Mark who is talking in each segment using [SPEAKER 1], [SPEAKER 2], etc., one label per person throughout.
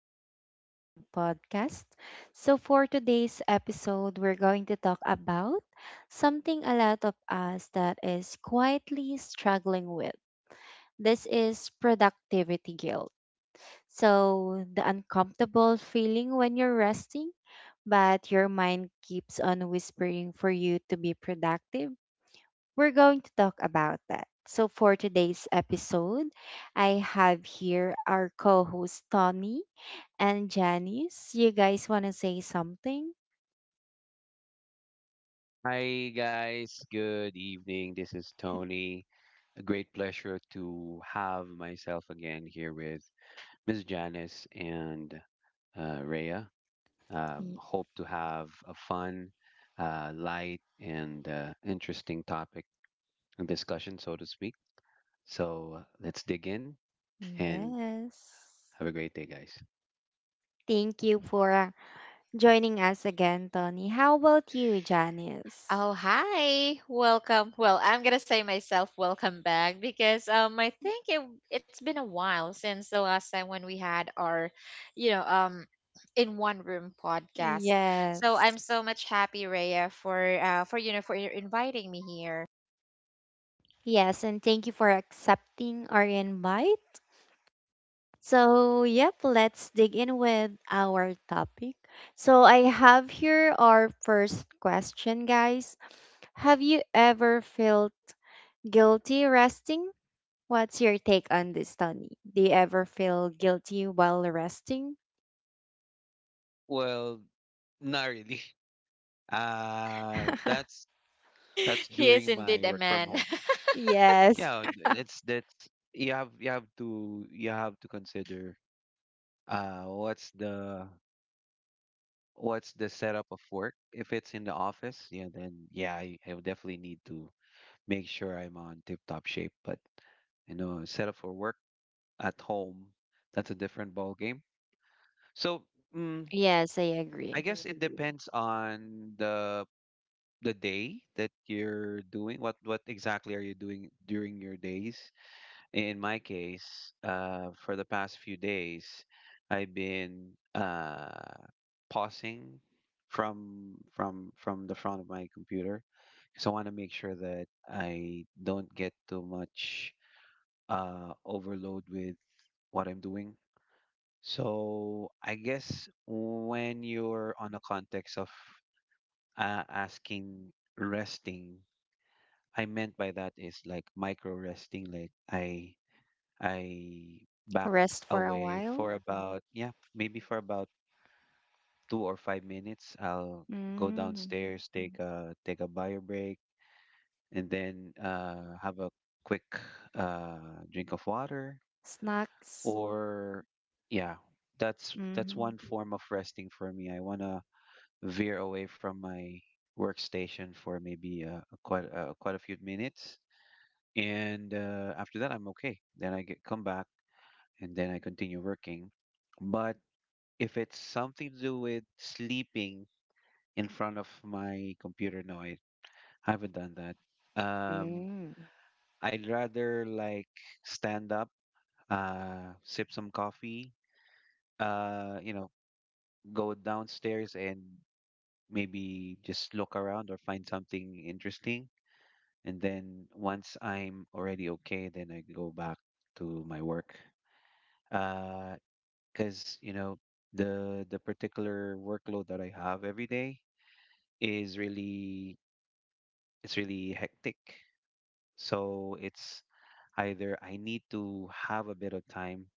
[SPEAKER 1] to our awesome podcast. So, for today's episode, we're going to talk about something a lot of us that is quietly struggling with. This is productivity guilt. So, the uncomfortable feeling when you're resting, but your mind keeps on whispering for you to be productive we're going to talk about that. So, for today's episode, I have here our co host Tony and Janice. You guys want to say something?
[SPEAKER 2] Hi, guys. Good evening. This is Tony. A great pleasure to have myself again here with Miss Janice and Rhea.
[SPEAKER 1] Y-
[SPEAKER 2] Hope to have a fun, light, and interesting topic and discussion, so to speak. So let's dig in and
[SPEAKER 1] Yes.
[SPEAKER 2] have a great day, guys.
[SPEAKER 1] Thank you for joining us again, Tony. How about you, Janice?
[SPEAKER 3] Oh, hi. Welcome. Well, I'm going to say myself welcome back because I think it's been a while since the last time when we had our, you know, um in one room podcast. So
[SPEAKER 1] Yes.
[SPEAKER 3] I'm so much happy, Raya, for for your inviting me here.
[SPEAKER 1] Yes, and thank you for accepting our invite. So, yep, let's dig in with our topic. So, I have here our first question, guys. Have you ever felt guilty resting? What's your take on this, Tony? Do you ever feel guilty while resting?
[SPEAKER 2] Well, not really. Uh, that's that's
[SPEAKER 3] He is
[SPEAKER 2] during my
[SPEAKER 3] indeed a
[SPEAKER 2] work from
[SPEAKER 3] man.
[SPEAKER 2] home.
[SPEAKER 1] Yes.
[SPEAKER 2] Yeah, th- it's that's, you have to consider what's the setup of work. If it's in the office, yeah, then yeah, I would definitely need to make sure I'm on tip-top shape. But you know, setup for work at home, that's a different ball game. So, mm,
[SPEAKER 1] Yes, I
[SPEAKER 2] I
[SPEAKER 1] agree.
[SPEAKER 2] guess it depends on the day that you're doing. What exactly are you doing during your days? In my case, for the past few days, I've been pausing from the front of my computer because I want to make sure that I don't get too much overload with what I'm doing. So I guess when you're on a context of asking resting, I meant by that is like micro resting, like I back
[SPEAKER 1] Rest for a
[SPEAKER 2] away
[SPEAKER 1] while.
[SPEAKER 2] for about, yeah, maybe for about 2 or 5 minutes. I'll go
[SPEAKER 1] Mm.
[SPEAKER 2] downstairs, take a bio break, and then have a quick drink of water.
[SPEAKER 1] Snacks.
[SPEAKER 2] Or yeah, that's
[SPEAKER 1] Mm.
[SPEAKER 2] one form of resting for me. I wanna veer away from my workstation for maybe a quite quite a few minutes, and after that I'm okay. Then I get come back and then I continue working. But if it's something to do with sleeping in front of my computer, no, I haven't done that. Um,
[SPEAKER 1] Mm.
[SPEAKER 2] I'd rather like stand up, sip some coffee, you know, go downstairs and maybe just look around or find something interesting. And then once I'm already okay, then I go back to my work. Uh, because you know the particular workload that I have every day is really it's really hectic. So it's either I need to have a bit of time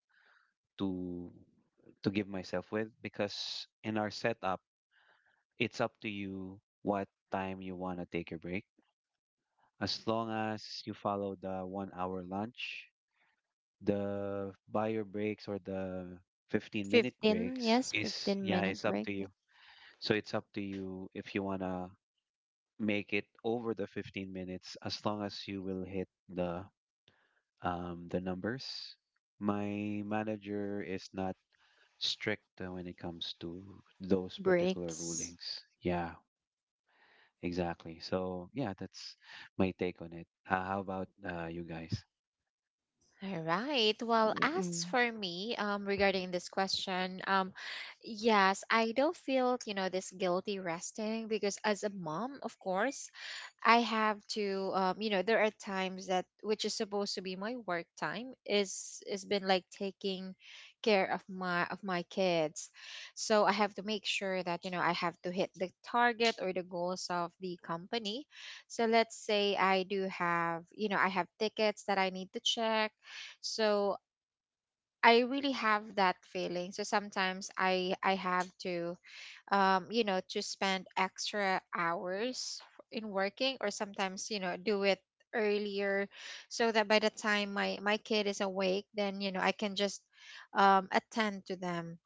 [SPEAKER 2] to give myself with, because in our setup, it's up to you what time you want to take a break. As long as you follow the 1 hour lunch, the buyer breaks or the 15-minute
[SPEAKER 1] 15,
[SPEAKER 2] breaks,
[SPEAKER 1] yes,
[SPEAKER 2] is,
[SPEAKER 1] 15
[SPEAKER 2] yeah,
[SPEAKER 1] minute
[SPEAKER 2] it's up
[SPEAKER 1] break.
[SPEAKER 2] to you. So it's up to you if you want to make it over the 15 minutes as long as you will hit the numbers. My manager is not strict when it comes to those particular
[SPEAKER 1] Breaks.
[SPEAKER 2] rulings. Yeah, exactly. So yeah, that's my take on it. How about you guys?
[SPEAKER 3] All right. Well, as
[SPEAKER 1] Mm.
[SPEAKER 3] for me, regarding this question, yes, I don't feel, you know, this guilty resting because as a mom, of course, I have to you know there are times that which is supposed to be my work time is been like taking care of my kids. So I have to make sure that you know I have to hit the target or the goals of the company. So let's say I do have you know I have tickets that I need to check. So I really have that feeling. So sometimes I have to you know to spend extra hours in working, or sometimes you know do it earlier so that by the time my kid is awake then you know I can just attend to them.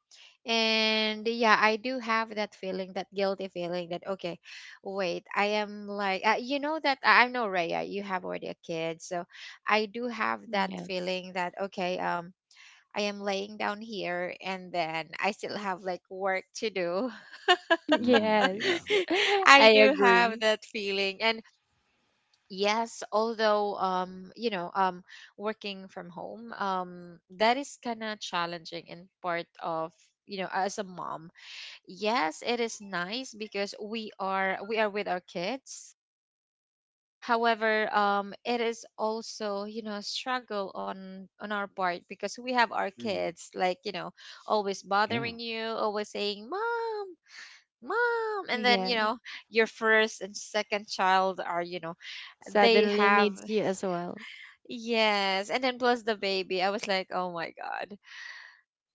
[SPEAKER 3] And yeah, I do have that feeling, that guilty feeling that okay, wait, I am like you know that I know, Raya, you have already a kid. So I do have that
[SPEAKER 1] Yes.
[SPEAKER 3] feeling that okay, I am laying down here and then I still have like work to do.
[SPEAKER 2] Mm, yeah.
[SPEAKER 1] Yes.
[SPEAKER 3] I
[SPEAKER 1] I
[SPEAKER 3] do have
[SPEAKER 1] agree.
[SPEAKER 3] that feeling. And yes, although you know, working from home, that is kind of challenging in part of you know as a mom. Yes, it is nice because we are with our kids. However, it is also, you know, a struggle on our part because we have our
[SPEAKER 2] Hmm.
[SPEAKER 3] kids like, you know, always
[SPEAKER 2] Yeah.
[SPEAKER 3] bothering you, always saying, "Mom, mom." And then,
[SPEAKER 1] Yeah.
[SPEAKER 3] you know, your first and second child are, you know, they
[SPEAKER 1] Suddenly
[SPEAKER 3] have.
[SPEAKER 1] needs you as well.
[SPEAKER 3] Yes, and then plus the baby. I was like, "Oh my God.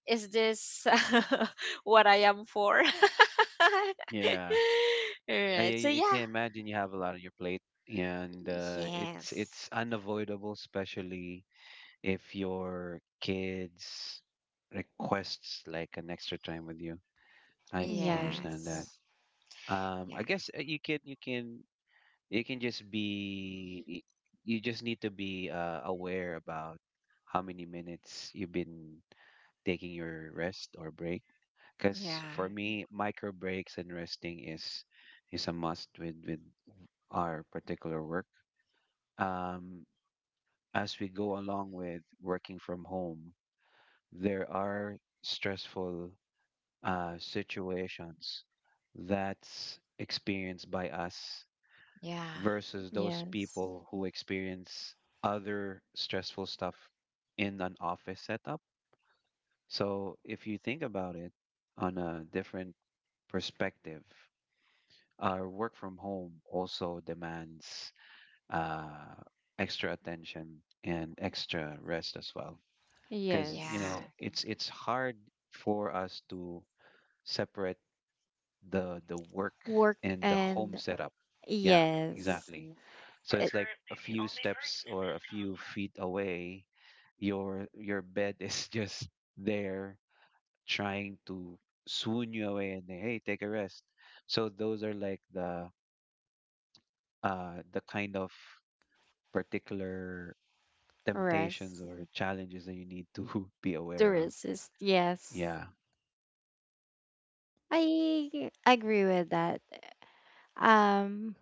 [SPEAKER 3] Is this what I am for?" All
[SPEAKER 2] Yeah. I,
[SPEAKER 3] right.
[SPEAKER 2] I
[SPEAKER 3] So
[SPEAKER 2] I can
[SPEAKER 3] yeah.
[SPEAKER 2] imagine you have a lot on your plate, and
[SPEAKER 3] Yes.
[SPEAKER 2] it's unavoidable, especially if your kids requests like an extra time with you. I understand that.
[SPEAKER 3] Yes.
[SPEAKER 1] Yes.
[SPEAKER 3] Yeah.
[SPEAKER 2] I guess you can you can you can just you just need to be aware about how many minutes you've been taking your rest or break, because
[SPEAKER 3] Yeah.
[SPEAKER 2] for me micro breaks and resting is a must with our particular work. um as we go along with working from home, there are stressful situations that's experienced by us
[SPEAKER 3] Yeah,
[SPEAKER 2] versus those
[SPEAKER 1] Yes.
[SPEAKER 2] people who experience other stressful stuff in an office setup. So if you think about it on a different perspective, our work from home also demands uh, extra attention and extra rest as well. Because you
[SPEAKER 3] yeah.
[SPEAKER 1] Yes.
[SPEAKER 2] know it's hard for us to separate the work
[SPEAKER 1] Work
[SPEAKER 2] and the home
[SPEAKER 1] and
[SPEAKER 2] setup. Yeah,
[SPEAKER 1] yes.
[SPEAKER 2] exactly. Mm. So it's
[SPEAKER 1] It
[SPEAKER 2] like a few steps or a few feet away, your bed is just there trying to swoon you away and then, hey, take a rest. So those are like the kind of particular temptations
[SPEAKER 1] rest.
[SPEAKER 2] or challenges that you need to be
[SPEAKER 1] To
[SPEAKER 2] aware of.
[SPEAKER 1] rest yes.
[SPEAKER 2] Yeah.
[SPEAKER 1] I agree with that. Um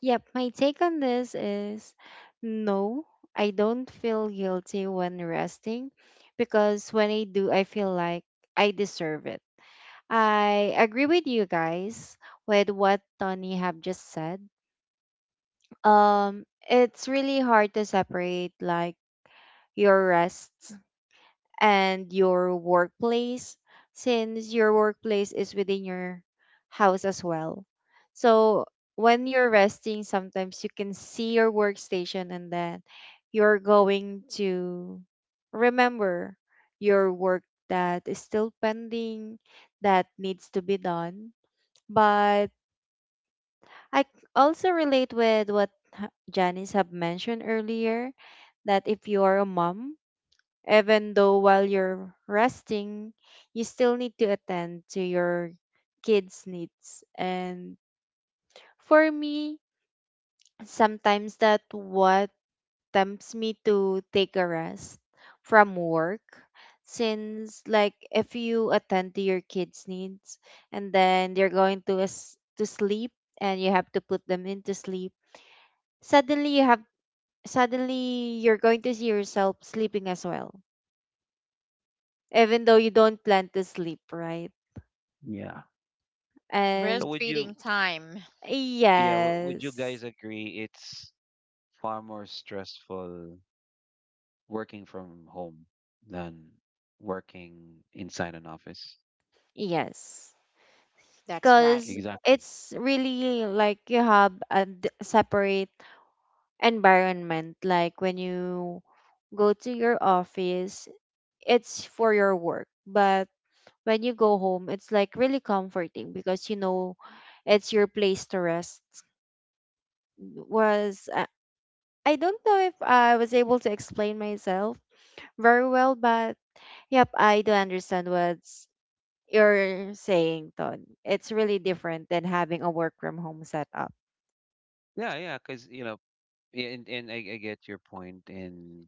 [SPEAKER 1] yep, my take on this is no, I don't feel guilty when resting because when I do I feel like I deserve it. I agree with you guys with what Tony have just said. It's really hard to separate like your rest and your workplace since your workplace is within your house as well. So when you're resting, sometimes you can see your workstation and then you're going to remember your work that is still pending that needs to be done but also relate with what Janice have mentioned earlier that if you are a mom, even though while you're resting, you still need to attend to your kids' needs. And for me, sometimes that what tempts me to take a rest from work since like if you attend to your kids' needs and then they're going to to sleep and you have to put them into sleep suddenly you have suddenly you're going to see yourself sleeping as well even though you don't plan to sleep right
[SPEAKER 2] Yeah. So
[SPEAKER 1] and
[SPEAKER 2] would you
[SPEAKER 3] Breastfeeding time.
[SPEAKER 2] Yeah, would you
[SPEAKER 1] yes
[SPEAKER 2] guys agree it's far more stressful working from home than working inside an office?
[SPEAKER 1] yes
[SPEAKER 3] That's right.
[SPEAKER 1] because
[SPEAKER 2] Exactly.
[SPEAKER 1] it's really like you have a separate environment like when you go to your office it's for your work but when you go home it's like really comforting because you know it's your place to rest was I don't know if I was able to explain myself very well, but yep, I do understand what's you're saying, Ton. It's really different than having a work from home setup.
[SPEAKER 2] Yeah, yeah, because you know, yeah, and I get your point, point. And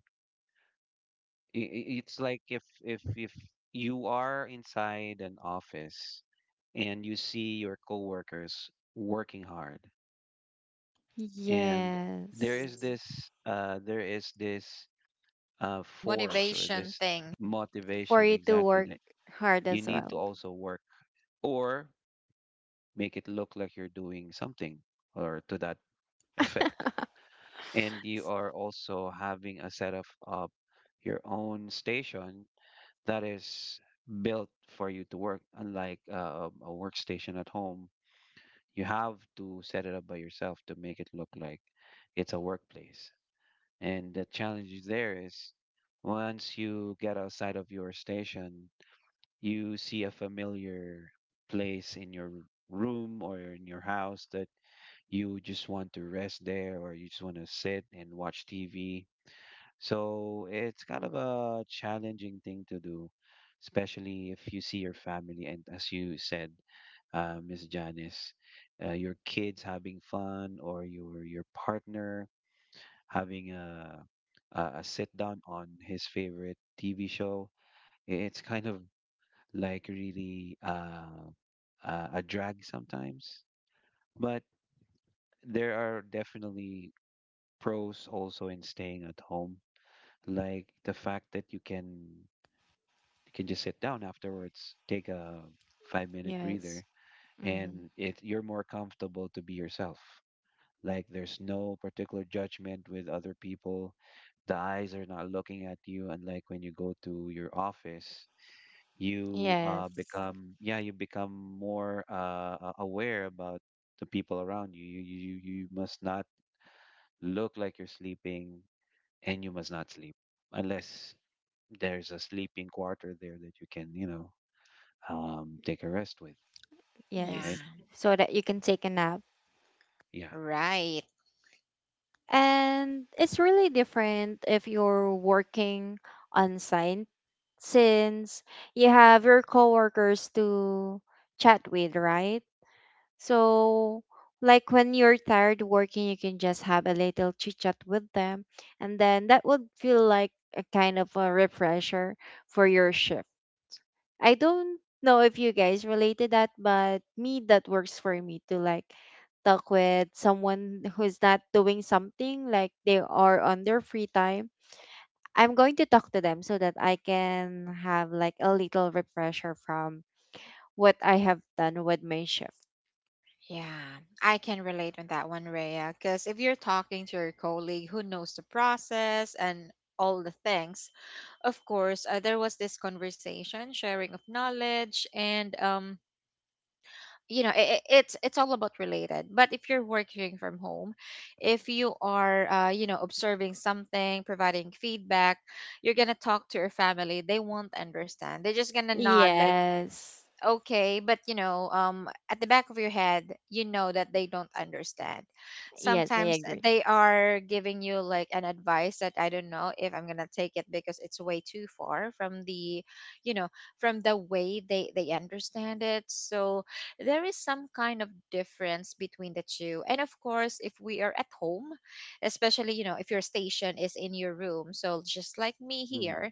[SPEAKER 2] It's like if you are inside an office and you see your coworkers working hard, and
[SPEAKER 1] Yes.
[SPEAKER 2] there is this force or
[SPEAKER 3] Motivation
[SPEAKER 2] this
[SPEAKER 3] thing.
[SPEAKER 1] For
[SPEAKER 2] motivation,
[SPEAKER 1] you to
[SPEAKER 2] exactly,
[SPEAKER 1] work
[SPEAKER 2] that
[SPEAKER 1] hard
[SPEAKER 2] you
[SPEAKER 1] as
[SPEAKER 2] need to
[SPEAKER 1] well.
[SPEAKER 2] also work or make it look like you're doing something or to that effect. And you are also having a setup of your own station that is built for you to work, unlike a workstation at home. You have to set it up by yourself to make it look like it's a workplace. And the challenge there is once you get outside of your station, you see a familiar place in your room or in your house, that you just want to rest there or you just want to sit and watch TV. So it's kind of a challenging thing to do, especially if you see your family and as you said, Miss Janice, your kids having fun or your partner having a a sit down on his favorite TV show. It's kind of like really a drag sometimes. But there are definitely pros also in staying at home, like the fact that you can just sit down afterwards, take a 5 minute
[SPEAKER 1] Yes.
[SPEAKER 2] breather,
[SPEAKER 1] Hmm.
[SPEAKER 2] and it you're more comfortable to be yourself. Like there's no particular judgment with other people. The eyes are not looking at you. Unlike when you go to your office, you
[SPEAKER 1] Yes.
[SPEAKER 2] become, yeah, you become more aware about the people around you. You you must not look like you're sleeping and you must not sleep unless there's a sleeping quarter there that you can you know take a rest with. Right.
[SPEAKER 1] Yes.
[SPEAKER 3] Yeah,
[SPEAKER 1] So that you can take a nap.
[SPEAKER 2] Yeah.
[SPEAKER 3] right.
[SPEAKER 1] And it's really different if you're working on site since you have your coworkers to chat with, right? So, like when you're tired working, you can just have a little chit chat with them, and then that would feel like a kind of a refresher for your shift. I don't know if you guys relate to that, but me, that works for me to like talk with someone who's not doing something, like they are on their free time. I'm going to talk to them so that I can have like a little refresher from what I have done with my shift.
[SPEAKER 3] Yeah, I can relate on that one, Rhea. Because if you're talking to your colleague who knows the process and all the things, of course, there was this conversation, sharing of knowledge, and you know, it's all about related. But if you're working from home, if you are you know, observing something, providing feedback, you're gonna talk to your family, they won't understand, they're just gonna nod like
[SPEAKER 1] Yes.
[SPEAKER 3] okay. But you know at the back of your head you know that they don't understand.
[SPEAKER 1] Yes, I
[SPEAKER 3] Sometimes
[SPEAKER 1] agree.
[SPEAKER 3] they are giving you like an advice that I don't know if I'm gonna take it because it's way too far from the you know from the way they understand it. So there is some kind of difference between the two. And of course if we are at home, especially you know if your station is in your room, so just like me
[SPEAKER 2] Mhm.
[SPEAKER 3] here,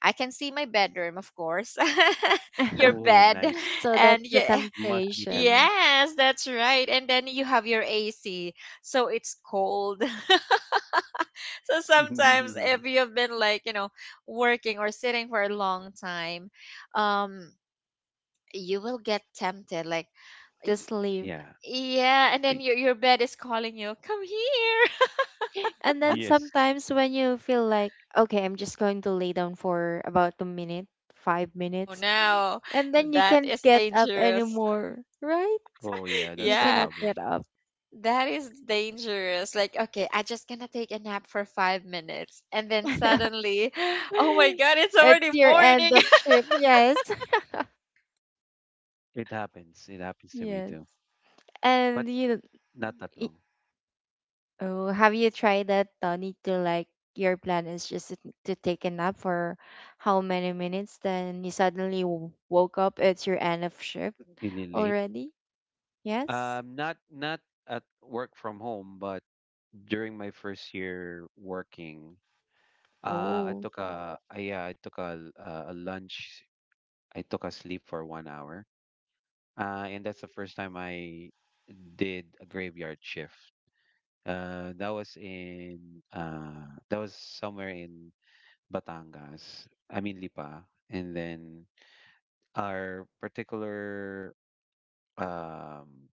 [SPEAKER 3] I can see my bedroom, of course, your
[SPEAKER 2] Oh
[SPEAKER 3] bed,
[SPEAKER 2] nice.
[SPEAKER 1] So that's
[SPEAKER 3] and
[SPEAKER 1] the
[SPEAKER 3] yeah,
[SPEAKER 2] Must be
[SPEAKER 1] temptation
[SPEAKER 2] tempting.
[SPEAKER 3] yes, that's right. And then you have your AC, so it's cold. So sometimes, if you've been like you know working or sitting for a long time, um, you will get tempted, like, y-
[SPEAKER 1] to sleep.
[SPEAKER 2] Yeah.
[SPEAKER 3] yeah, and then
[SPEAKER 2] Y-
[SPEAKER 3] your bed is calling you, come here.
[SPEAKER 1] And then
[SPEAKER 2] Yes.
[SPEAKER 1] sometimes when you feel like, okay, I'm just going to lay down for about a minute, five
[SPEAKER 3] Oh
[SPEAKER 1] minutes,
[SPEAKER 3] no,
[SPEAKER 1] and then you
[SPEAKER 3] that
[SPEAKER 1] can't
[SPEAKER 3] is
[SPEAKER 1] get up
[SPEAKER 3] dangerous.
[SPEAKER 1] anymore, right?
[SPEAKER 2] Oh, yeah,
[SPEAKER 1] You
[SPEAKER 2] that's the
[SPEAKER 3] Yeah.
[SPEAKER 1] cannot get
[SPEAKER 2] problem.
[SPEAKER 1] up.
[SPEAKER 3] That is dangerous. Like, okay, I just gonna take a nap for 5 minutes, and then suddenly, oh my god, it's
[SPEAKER 1] It's
[SPEAKER 3] already
[SPEAKER 1] your
[SPEAKER 3] morning.
[SPEAKER 1] end of shift, yes.
[SPEAKER 2] It happens. It happens to me
[SPEAKER 1] Yes.
[SPEAKER 2] too, but
[SPEAKER 1] And you,
[SPEAKER 2] not that
[SPEAKER 1] y-
[SPEAKER 2] long.
[SPEAKER 1] oh, have you tried that, Tony, to like your plan is just to take a nap for how many minutes? Then you suddenly woke up, it's your end of shift
[SPEAKER 2] Really late.
[SPEAKER 1] already? Yes?
[SPEAKER 2] Not at work from home, but during my first year working, I
[SPEAKER 1] Oh.
[SPEAKER 2] took a yeah, I took a a lunch. I took a sleep for 1 hour. And that's the first time I did a graveyard shift. That was in that was somewhere in Batangas, I mean Lipa, and then our particular um,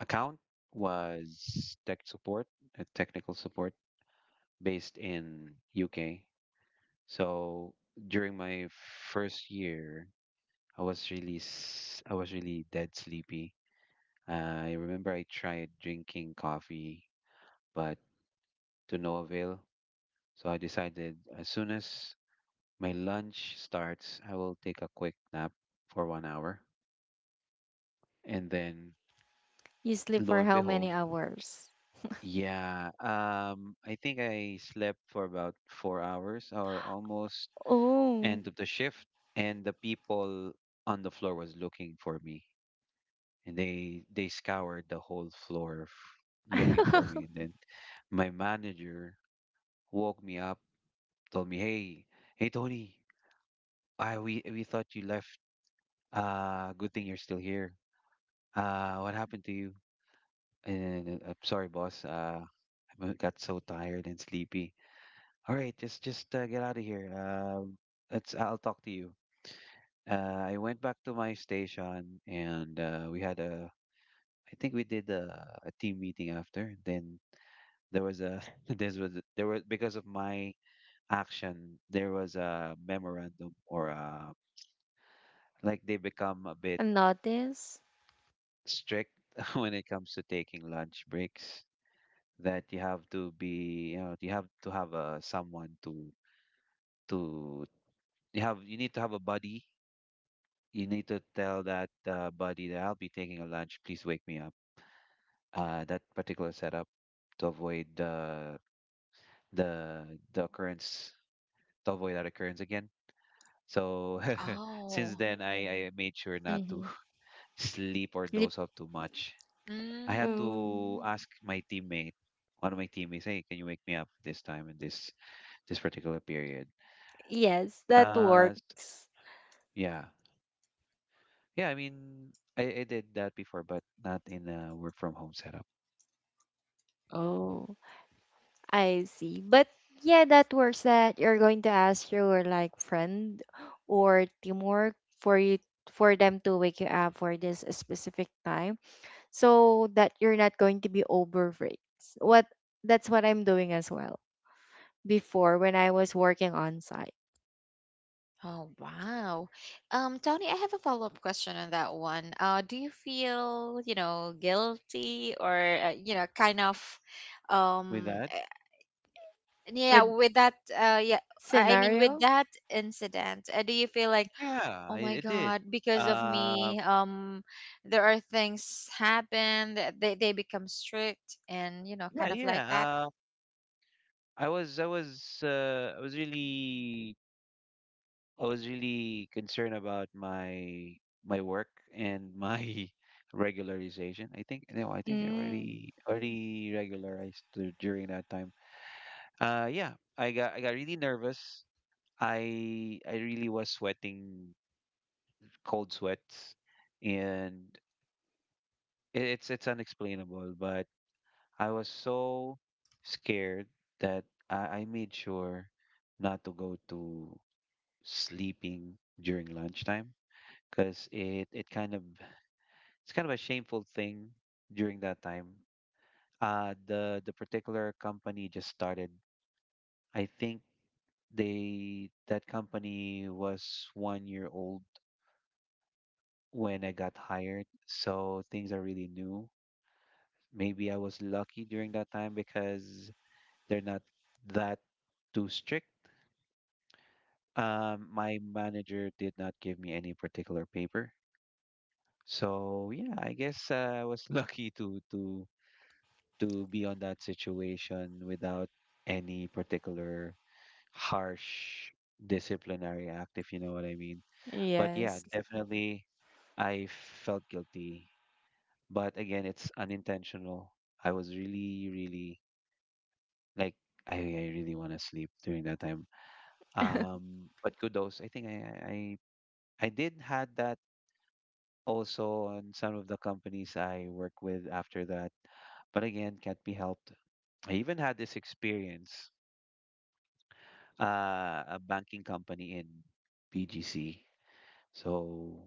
[SPEAKER 2] account was tech support, technical support based in UK. So during my first year, I was really dead sleepy. Uh, I remember I tried drinking coffee, but to no avail. So I decided as soon as my lunch starts, I will take a quick nap for 1 hour. And then
[SPEAKER 1] You sleep
[SPEAKER 2] lo
[SPEAKER 1] for
[SPEAKER 2] and
[SPEAKER 1] how many
[SPEAKER 2] behold,
[SPEAKER 1] hours?
[SPEAKER 2] yeah, I think I slept for about 4 hours or almost
[SPEAKER 1] Oh.
[SPEAKER 2] end of the shift, and the people on the floor was looking for me, and they scoured the whole floor looking for me. And then my manager woke me up, told me, "Hey, hey, Tony, I we thought you left. Good thing you're still here. What happened to you?" And I'm sorry, boss. Got so tired and sleepy. All right, just get out of here. Let's. I'll talk to you. I went back to my station, and we had a. I think we did a team meeting after. Then there was a. This was there was because of my action. There was a memorandum or a, like they become a bit
[SPEAKER 1] Notice?
[SPEAKER 2] strict when it comes to taking lunch breaks. That you have to be, you know, you have to have a someone to to you have you need to have a buddy. You need to tell that buddy that I'll be taking a lunch, please wake me up. That particular setup to avoid the the the occurrence, to avoid that occurrence again. So since
[SPEAKER 3] Oh.
[SPEAKER 2] then, I made sure not to
[SPEAKER 1] Mm-hmm.
[SPEAKER 2] sleep or
[SPEAKER 1] Lip.
[SPEAKER 2] doze off too much. I had
[SPEAKER 3] Mm.
[SPEAKER 2] to
[SPEAKER 1] Mm,
[SPEAKER 2] ask my teammate, one of my teammates, hey, can you wake me up this time in this particular period.
[SPEAKER 1] yes, that
[SPEAKER 2] Uh, s-
[SPEAKER 1] works.
[SPEAKER 2] yeah, yeah. I mean, I did that before, but not in a work from home setup.
[SPEAKER 1] Oh. I see. But yeah, that works that you're going to ask your like friend or teamwork for you for them to wake you up for this specific time so that you're not going to be overworked. What that's what I'm doing as well before when I was working on site
[SPEAKER 3] Oh, wow. Tony, I have a follow-up question on that one. Do you feel, you know, guilty or you know, kind of
[SPEAKER 2] With
[SPEAKER 3] um
[SPEAKER 2] that,
[SPEAKER 3] yeah,
[SPEAKER 1] with
[SPEAKER 3] with that yeah, I mean with
[SPEAKER 1] scenario
[SPEAKER 3] that incident, do you feel like
[SPEAKER 2] yeah,
[SPEAKER 3] oh
[SPEAKER 2] I,
[SPEAKER 3] my
[SPEAKER 2] I did.
[SPEAKER 3] god because of
[SPEAKER 2] Um,
[SPEAKER 3] me, there are things happen that they become strict and you know
[SPEAKER 2] yeah,
[SPEAKER 3] kind of like that.
[SPEAKER 2] yeah. I was, I was, I was really concerned about my my work and my regularization. I think no, I think I
[SPEAKER 1] Mm,
[SPEAKER 2] already already regularized during that time. Yeah, I got really nervous. I really was sweating cold sweats, and it's unexplainable. But I was so scared that I made sure not to go to sleeping during lunchtime, because it kind of it's kind of a shameful thing during that time. The particular company just started. I think they that company was 1 year old when I got hired, so things are really new. Maybe I was lucky during that time because they're not that too strict. My manager did not give me any particular paper. So yeah, I guess I was lucky to be on that situation without any particular harsh disciplinary act, if you know what I mean. But yeah,
[SPEAKER 1] yes.
[SPEAKER 2] definitely I felt guilty. But again, it's unintentional. I was really, really, like I really want to sleep during that time. But kudos. I think I did had that also on some of the companies I work with after that. But again, can't be helped. I even had this experience, a banking company in BGC. So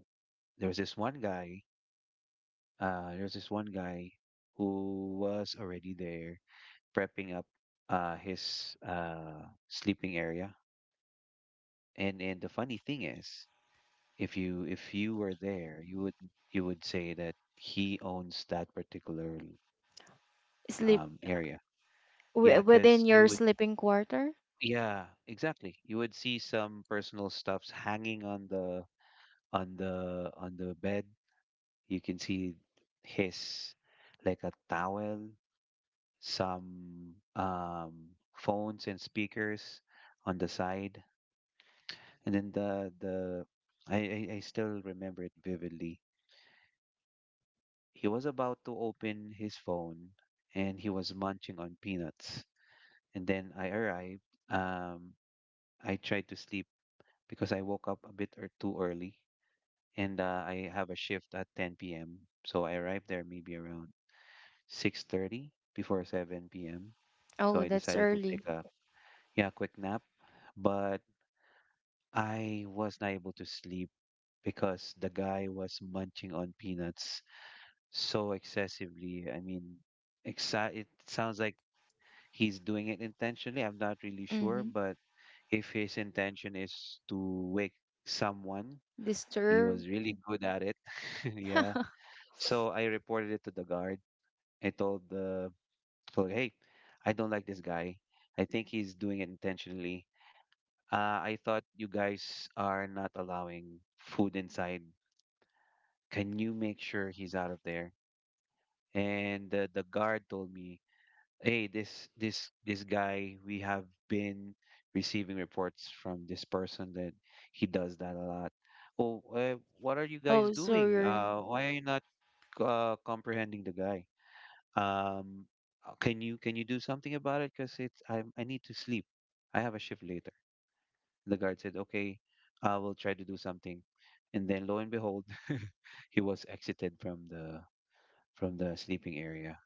[SPEAKER 2] there was this one guy, uh, there was this one guy who was already there prepping up his sleeping area. And the funny thing is, if you were there, you would say that he owns that particular
[SPEAKER 1] Sleep
[SPEAKER 2] area. Yeah, because.
[SPEAKER 1] within your sleeping quarter?
[SPEAKER 2] You would see some personal stuffs hanging on the bed. You can see his like a towel, some phones and speakers on the side, and then I I still remember it vividly. He was about to open his phone and he was munching on peanuts. And then I arrived. Um, I tried to sleep because I woke up a bit or too early and I have a shift at 10 p.m. So I arrived there maybe around 6:30 before 7 p.m. So
[SPEAKER 1] Oh,
[SPEAKER 2] I
[SPEAKER 1] that's
[SPEAKER 2] decided to
[SPEAKER 1] early.
[SPEAKER 2] take a, yeah, quick nap, but I was not able to sleep because the guy was munching on peanuts so excessively. I mean, it sounds like he's doing it intentionally. I'm not really sure,
[SPEAKER 1] Mm-hmm.
[SPEAKER 2] but if his intention is to wake someone, he
[SPEAKER 1] Disturb.
[SPEAKER 2] was really good at it. Yeah. So I reported it to the guard. I told the told, hey, I don't like this guy. I think he's doing it intentionally. I thought you guys are not allowing food inside. Can you make sure he's out of there? And the guard told me, hey, this guy, we have been receiving reports from this person that he does that a lot. Oh, what are you guys
[SPEAKER 1] Oh,
[SPEAKER 2] doing?
[SPEAKER 1] sorry.
[SPEAKER 2] Why are you not comprehending the guy? um can you do something about it, because I need to sleep. I have a shift later. The guard said okay, I will try to do something. And then lo and behold, he was exited from the sleeping area.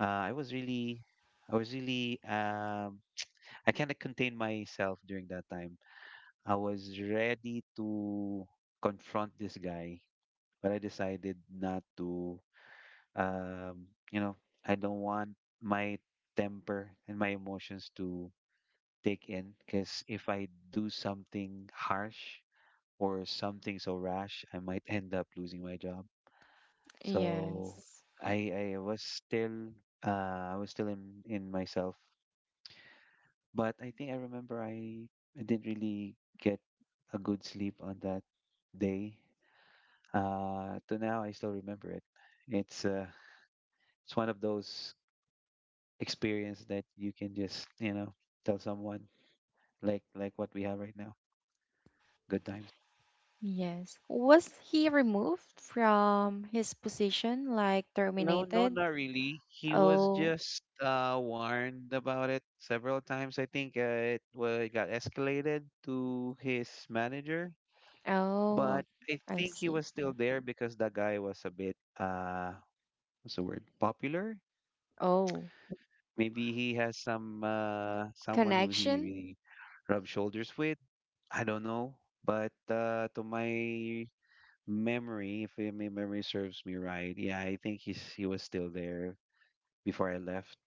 [SPEAKER 2] uh, I was really, I was really, I kind of contained myself during that time. I was ready to confront this guy, but I decided not to. You know, I don't want my temper and my emotions to take in, because if I do something harsh or something so rash, I might end up losing my job. So
[SPEAKER 1] Yes.
[SPEAKER 2] I was still, I was still in myself. But I think I remember I didn't really get a good sleep on that day. To now, I still remember it. It's uh, it's one of those experience that you can just, you know, tell someone, like what we have right now. Good times.
[SPEAKER 1] Yes. Was he removed from his position, like
[SPEAKER 2] No, no,
[SPEAKER 1] terminated?
[SPEAKER 2] not really. He was
[SPEAKER 1] Oh,
[SPEAKER 2] just warned about it several times. I think it got escalated to his manager,
[SPEAKER 1] oh,
[SPEAKER 2] but I
[SPEAKER 1] I
[SPEAKER 2] think he
[SPEAKER 1] see.
[SPEAKER 2] was still there because the guy was a bit, what's the word? Popular.
[SPEAKER 1] Oh,
[SPEAKER 2] Maybe he has some someone who he
[SPEAKER 1] connection?
[SPEAKER 2] really rubs shoulders with. I don't know, but to my memory, if my memory serves me right, yeah, I think he was still there before I left.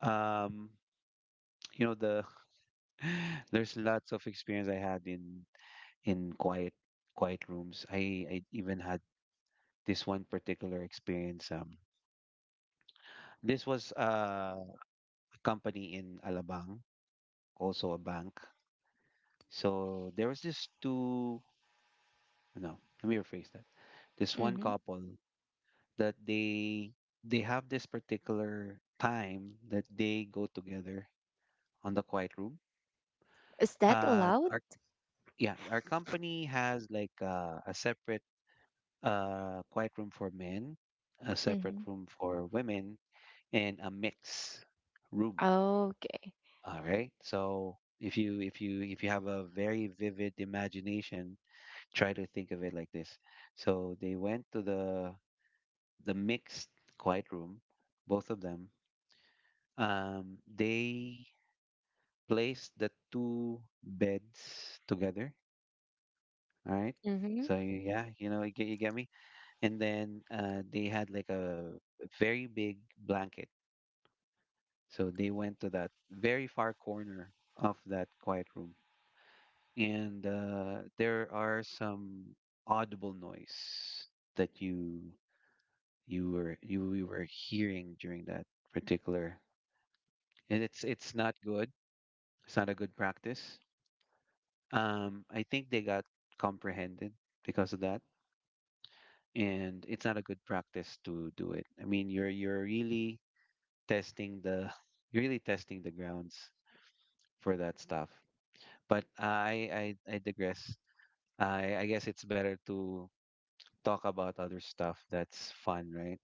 [SPEAKER 2] Um, you know, the there's lots of experience I had in in quiet quiet rooms. I even had this one particular experience. This was a company in Alabang, also a bank. So there was this two, no, let me rephrase that. This one
[SPEAKER 1] Mm-hmm.
[SPEAKER 2] couple that they have this particular time that they go together on the quiet room.
[SPEAKER 1] Is that
[SPEAKER 2] Uh,
[SPEAKER 1] allowed?
[SPEAKER 2] our yeah, our company has like a separate quiet room for men, a separate
[SPEAKER 1] Mm-hmm.
[SPEAKER 2] room for women, and a mix room.
[SPEAKER 1] Okay.
[SPEAKER 2] All right. So if you have a very vivid imagination, try to think of it like this. So they went to the mixed quiet room, both of them. They placed the two beds together. All right.
[SPEAKER 1] Mm-hmm.
[SPEAKER 2] So yeah, you know, you get me. And then they had like a very big blanket. So they went to that very far corner of that quiet room, and there are some audible noise that you were you we were hearing during that particular, and it's not good. It's not a good practice. I think they got comprehended because of that, and it's not a good practice to do it. I mean, you're really testing the you're really testing the grounds for that stuff. But I digress. I guess it's better to talk about other stuff that's fun, right?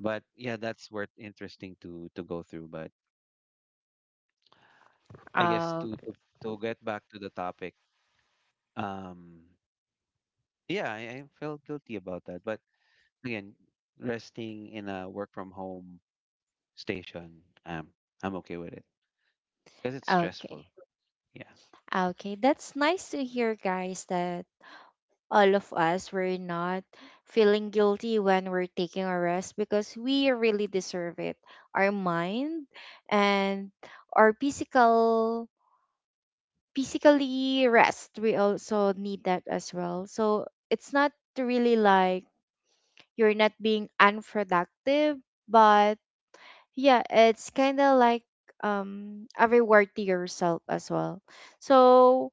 [SPEAKER 2] But yeah, that's worth interesting to go through. But I guess
[SPEAKER 1] Oh,
[SPEAKER 2] to get back to the topic, um, yeah, I felt guilty about that. But again, resting in a work from home station, um, I'm okay with it because it's
[SPEAKER 1] okay.
[SPEAKER 2] stressful. Yeah,
[SPEAKER 1] Okay, that's nice to hear, guys, that all of us were not feeling guilty when we're taking a rest because we really deserve it. Our mind and our physical physically rest, we also need that as well. So it's not really like you're not being unproductive, but yeah, it's kind of like a reward to yourself as well. So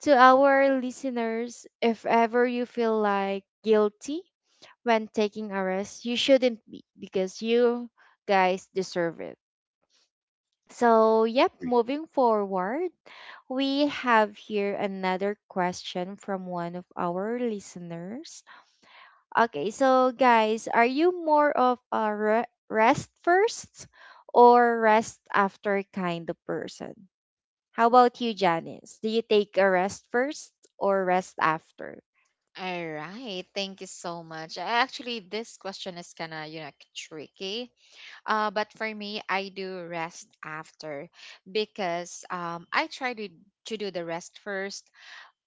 [SPEAKER 1] to our listeners, if ever you feel like guilty when taking a rest, you shouldn't be because you guys deserve it. So, yep,
[SPEAKER 2] agree.
[SPEAKER 1] moving forward, we have here another question from one of our listeners. Okay, so guys, are you more of a rest first or rest after kind of person? How about you, Janice? Do you take a rest first or rest after?
[SPEAKER 3] All right, thank you so much. Actually this question is kind of you know tricky, but for me I do rest after, because I try to do the rest first,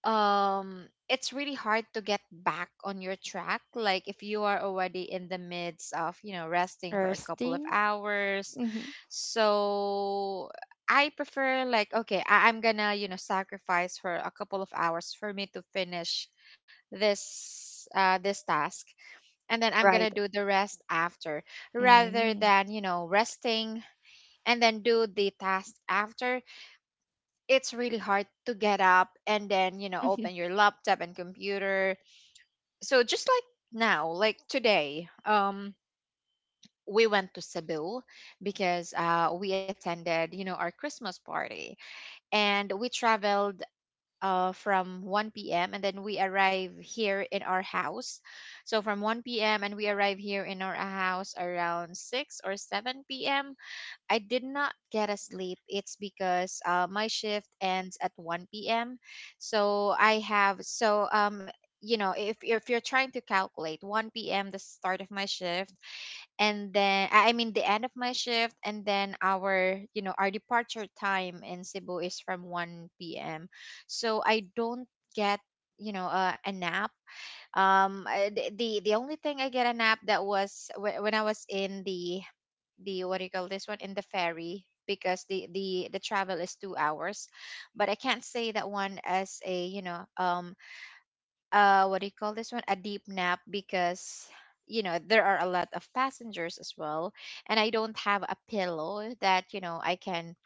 [SPEAKER 3] it's really hard to get back on your track like if you are already in the midst of you know resting for a couple of
[SPEAKER 1] Resting,
[SPEAKER 3] hours.
[SPEAKER 1] mm-hmm.
[SPEAKER 3] So I prefer like okay, I'm gonna you know sacrifice for a couple of hours for me to finish this this task, and then I'm gonna
[SPEAKER 1] Right.
[SPEAKER 3] do the rest after, rather
[SPEAKER 1] Mm.
[SPEAKER 3] than you know resting and then do the task after. It's really hard to get up and then you know open your laptop and computer. So just like now, like today, we went to Cebu because we attended you know our Christmas party, and we traveled from 1 p.m. and then we arrive here in our house. So from 1 p.m. and we arrive here in our house around 6 or 7 p.m. I did not get a sleep. It's because my shift ends at 1 p.m. So I have so you know if you're trying to calculate 1 p.m. the start of my shift, and then I mean the end of my shift, and then our you know our departure time in Cebu is from 1 p.m. So I don't get you know a nap. The only thing I get a nap, that was when I was in the what do you call this one, in the ferry, because the travel is 2 hours. But I can't say that one as a you know what do you call this one, a deep nap, because you know there are a lot of passengers as well, and I don't have a pillow that you know I can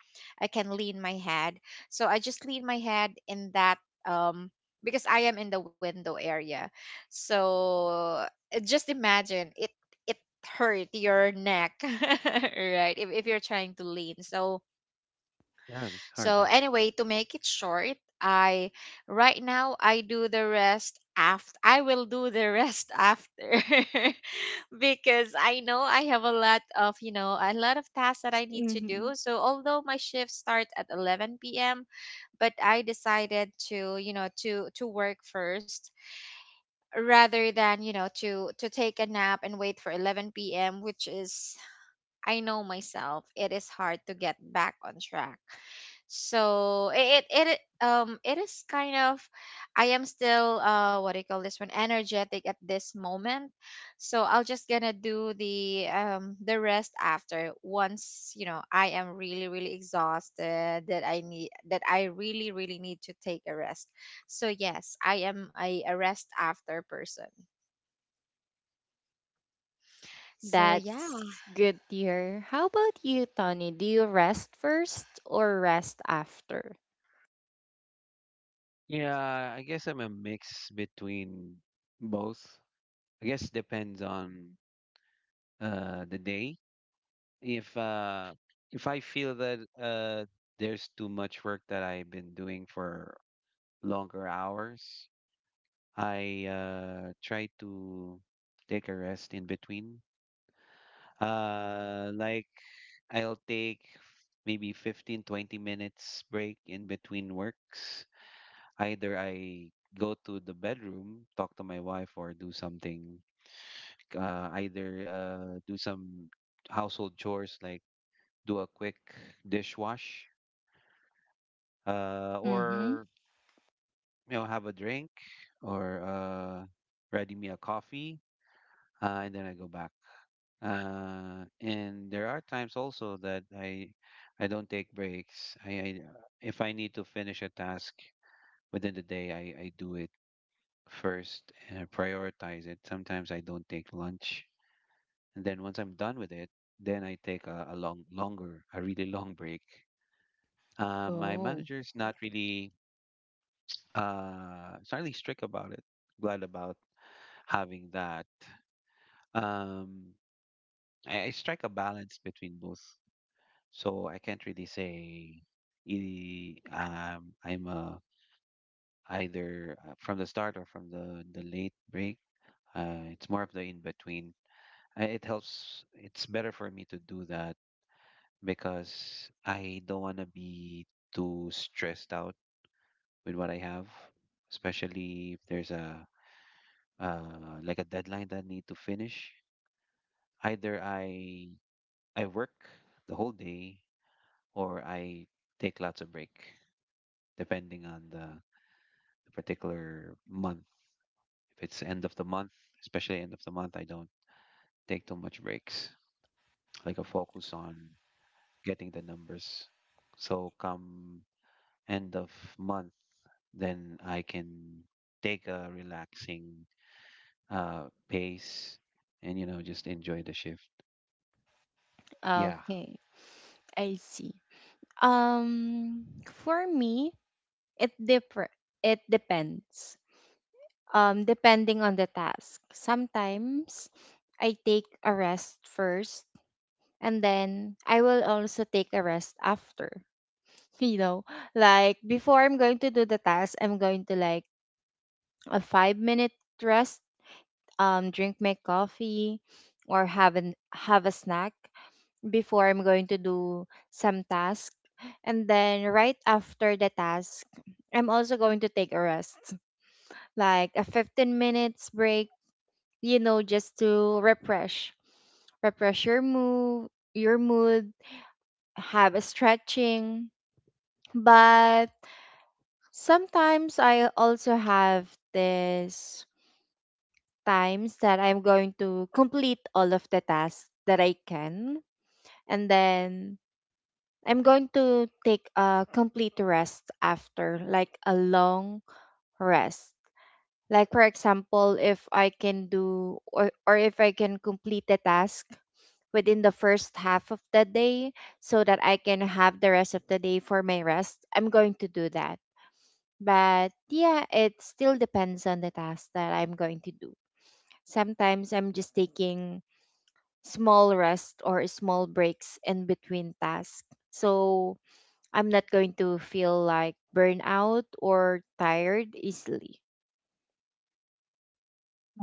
[SPEAKER 3] I can lean my head. So I just lean my head in that um because I am in the window area. So just imagine it, it hurt your neck right? If you're trying to lean, so
[SPEAKER 2] Yeah, it's hard
[SPEAKER 3] so
[SPEAKER 2] though.
[SPEAKER 3] anyway, to make it short, I right now I do the rest after, I will do the rest after because I know I have a lot of, you know, a lot of tasks that I need to do.
[SPEAKER 1] Mm-hmm.
[SPEAKER 3] So although my shifts start at 11 p.m., but I decided to, you know, to work first, rather than, you know, to take a nap and wait for 11 p.m., which is I know myself, it is hard to get back on track. So it, it is kind of, I am still what do you call this one, energetic at this moment. So I'll just gonna do the rest after, once you know I am really really exhausted, that I need, that I really really need to take a rest. So yes, I am a rest after person. So yeah.
[SPEAKER 1] That's good to hear. How about you, Tony? Do you rest first or rest after?
[SPEAKER 2] Yeah, I guess I'm a mix between both. I guess depends on the day. If uh if I feel that there's too much work that I've been doing for longer hours, I try to take a rest in between. Like I'll take maybe 15, 20 minutes break in between works. Either I go to the bedroom, talk to my wife, or do something. Either do some household chores, like do a quick dishwash, uh,
[SPEAKER 1] Mm-hmm.
[SPEAKER 2] or you know, have a drink, or ready me a coffee, and then I go back. And there are times also that I don't take breaks. I if I need to finish a task within the day, I do it first and I prioritize it. Sometimes I don't take lunch, and then once I'm done with it, then I take a really long break. My
[SPEAKER 1] Oh,
[SPEAKER 2] manager is not really it's not really strict about it. Glad about having that. Um, I strike a balance between both. So I can't really say I'm either from the start or from the late break. It's more of the in between. It helps, it's better for me to do that because I don't want to be too stressed out with what I have, especially if there's a like a deadline that I need to finish. Either I work the whole day, or I take lots of break depending on the particular month. If it's end of the month, especially end of the month, I don't take too much breaks. Like I focus on getting the numbers. So come end of month, then I can take a relaxing pace and, you know, just enjoy the shift. Yeah,
[SPEAKER 1] okay. I see. Um, for me, it differ. It depends. Depending on the task. Sometimes I take a rest first, and then I will also take a rest after. You know like before I'm going to do the task I'm going to like a 5 minute rest drink my coffee or have an have a snack before I'm going to do some task and then right after the task I'm also going to take a rest like a 15 minutes break you know just to refresh refresh your mood have a stretching but sometimes I also have this times that I'm going to complete all of the tasks that I can and then I'm going to take a complete rest after like a long rest. Like for example, if I can do or if I can complete the task within the first half of the day so that I can have the rest of the day for my rest, I'm going to do that but yeah, it still depends on the task that I'm going to do. Sometimes I'm just taking small rest or small breaks in between tasks. So I'm not going to feel like burnout or tired easily.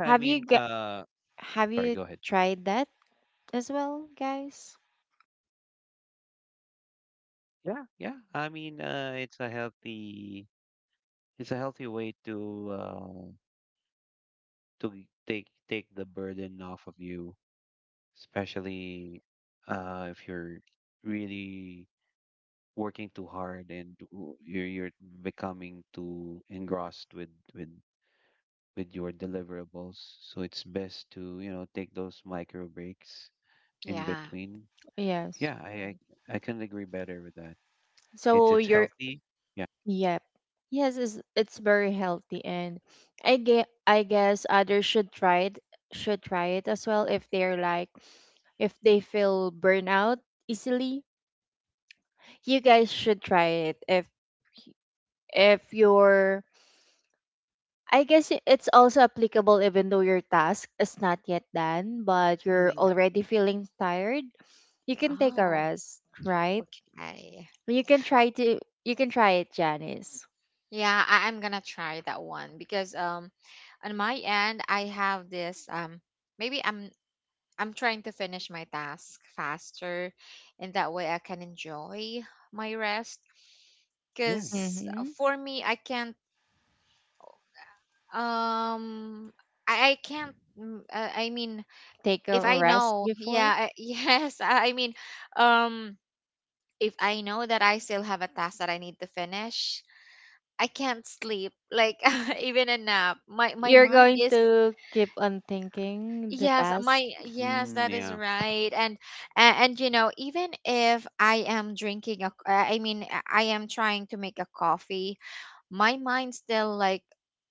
[SPEAKER 2] I
[SPEAKER 1] Have you
[SPEAKER 2] mean,
[SPEAKER 1] get, have
[SPEAKER 2] sorry,
[SPEAKER 1] you
[SPEAKER 2] go ahead.
[SPEAKER 1] tried that as well, guys?
[SPEAKER 2] Yeah, yeah. I mean, it's a healthy way to to take the burden off of you, especially if you're really working too hard, and you're becoming too engrossed with with your deliverables. So it's best to, you know, take those micro breaks in
[SPEAKER 3] Yeah.
[SPEAKER 2] between.
[SPEAKER 1] Yes.
[SPEAKER 2] Yeah, I can agree better with that.
[SPEAKER 1] So
[SPEAKER 2] It's
[SPEAKER 1] you're
[SPEAKER 2] healthy. Yeah.
[SPEAKER 1] yep. Yes, it's very healthy and I get I guess others should try it as well if they're like if they feel burnout easily. You guys should try it if you're I guess it's also applicable even though your task is not yet done, but
[SPEAKER 3] Oh
[SPEAKER 1] you're
[SPEAKER 3] my god.
[SPEAKER 1] already feeling tired. You can take a
[SPEAKER 3] Oh,
[SPEAKER 1] rest, right?
[SPEAKER 3] okay.
[SPEAKER 1] You can try to you can try it, Janice.
[SPEAKER 3] Yeah, I, I'm gonna try that one because on my end I have this, maybe I'm trying to finish my task faster, and that way I can enjoy my rest.
[SPEAKER 2] Yeah.
[SPEAKER 3] Cause
[SPEAKER 1] Mm-hmm.
[SPEAKER 3] for me I can't um I can't I mean,
[SPEAKER 1] Take a
[SPEAKER 3] if I
[SPEAKER 1] rest
[SPEAKER 3] know,
[SPEAKER 1] before.
[SPEAKER 3] yeah I, yes I mean um if I know that I still have a task that I need to finish, I can't sleep. Like even a nap. My
[SPEAKER 1] You're
[SPEAKER 3] mind
[SPEAKER 1] going
[SPEAKER 3] is
[SPEAKER 1] to keep on thinking the
[SPEAKER 3] yes,
[SPEAKER 1] task.
[SPEAKER 3] my yes,
[SPEAKER 2] Mm,
[SPEAKER 3] that is
[SPEAKER 2] yeah.
[SPEAKER 3] right. And and you know, even if I am drinking a I mean I am trying to make a coffee, my mind's still like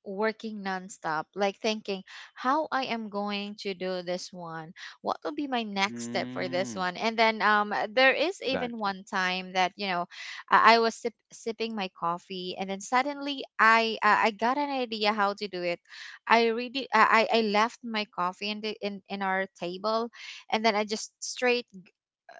[SPEAKER 3] working nonstop, like thinking how I am going to do this one. What will be my next step for this
[SPEAKER 2] Mm,
[SPEAKER 3] one? And then there is even
[SPEAKER 2] gotcha.
[SPEAKER 3] one time that you know I was sipping my coffee, and then suddenly I got an idea how to do it. I really I left my coffee in our table, and then I just straight,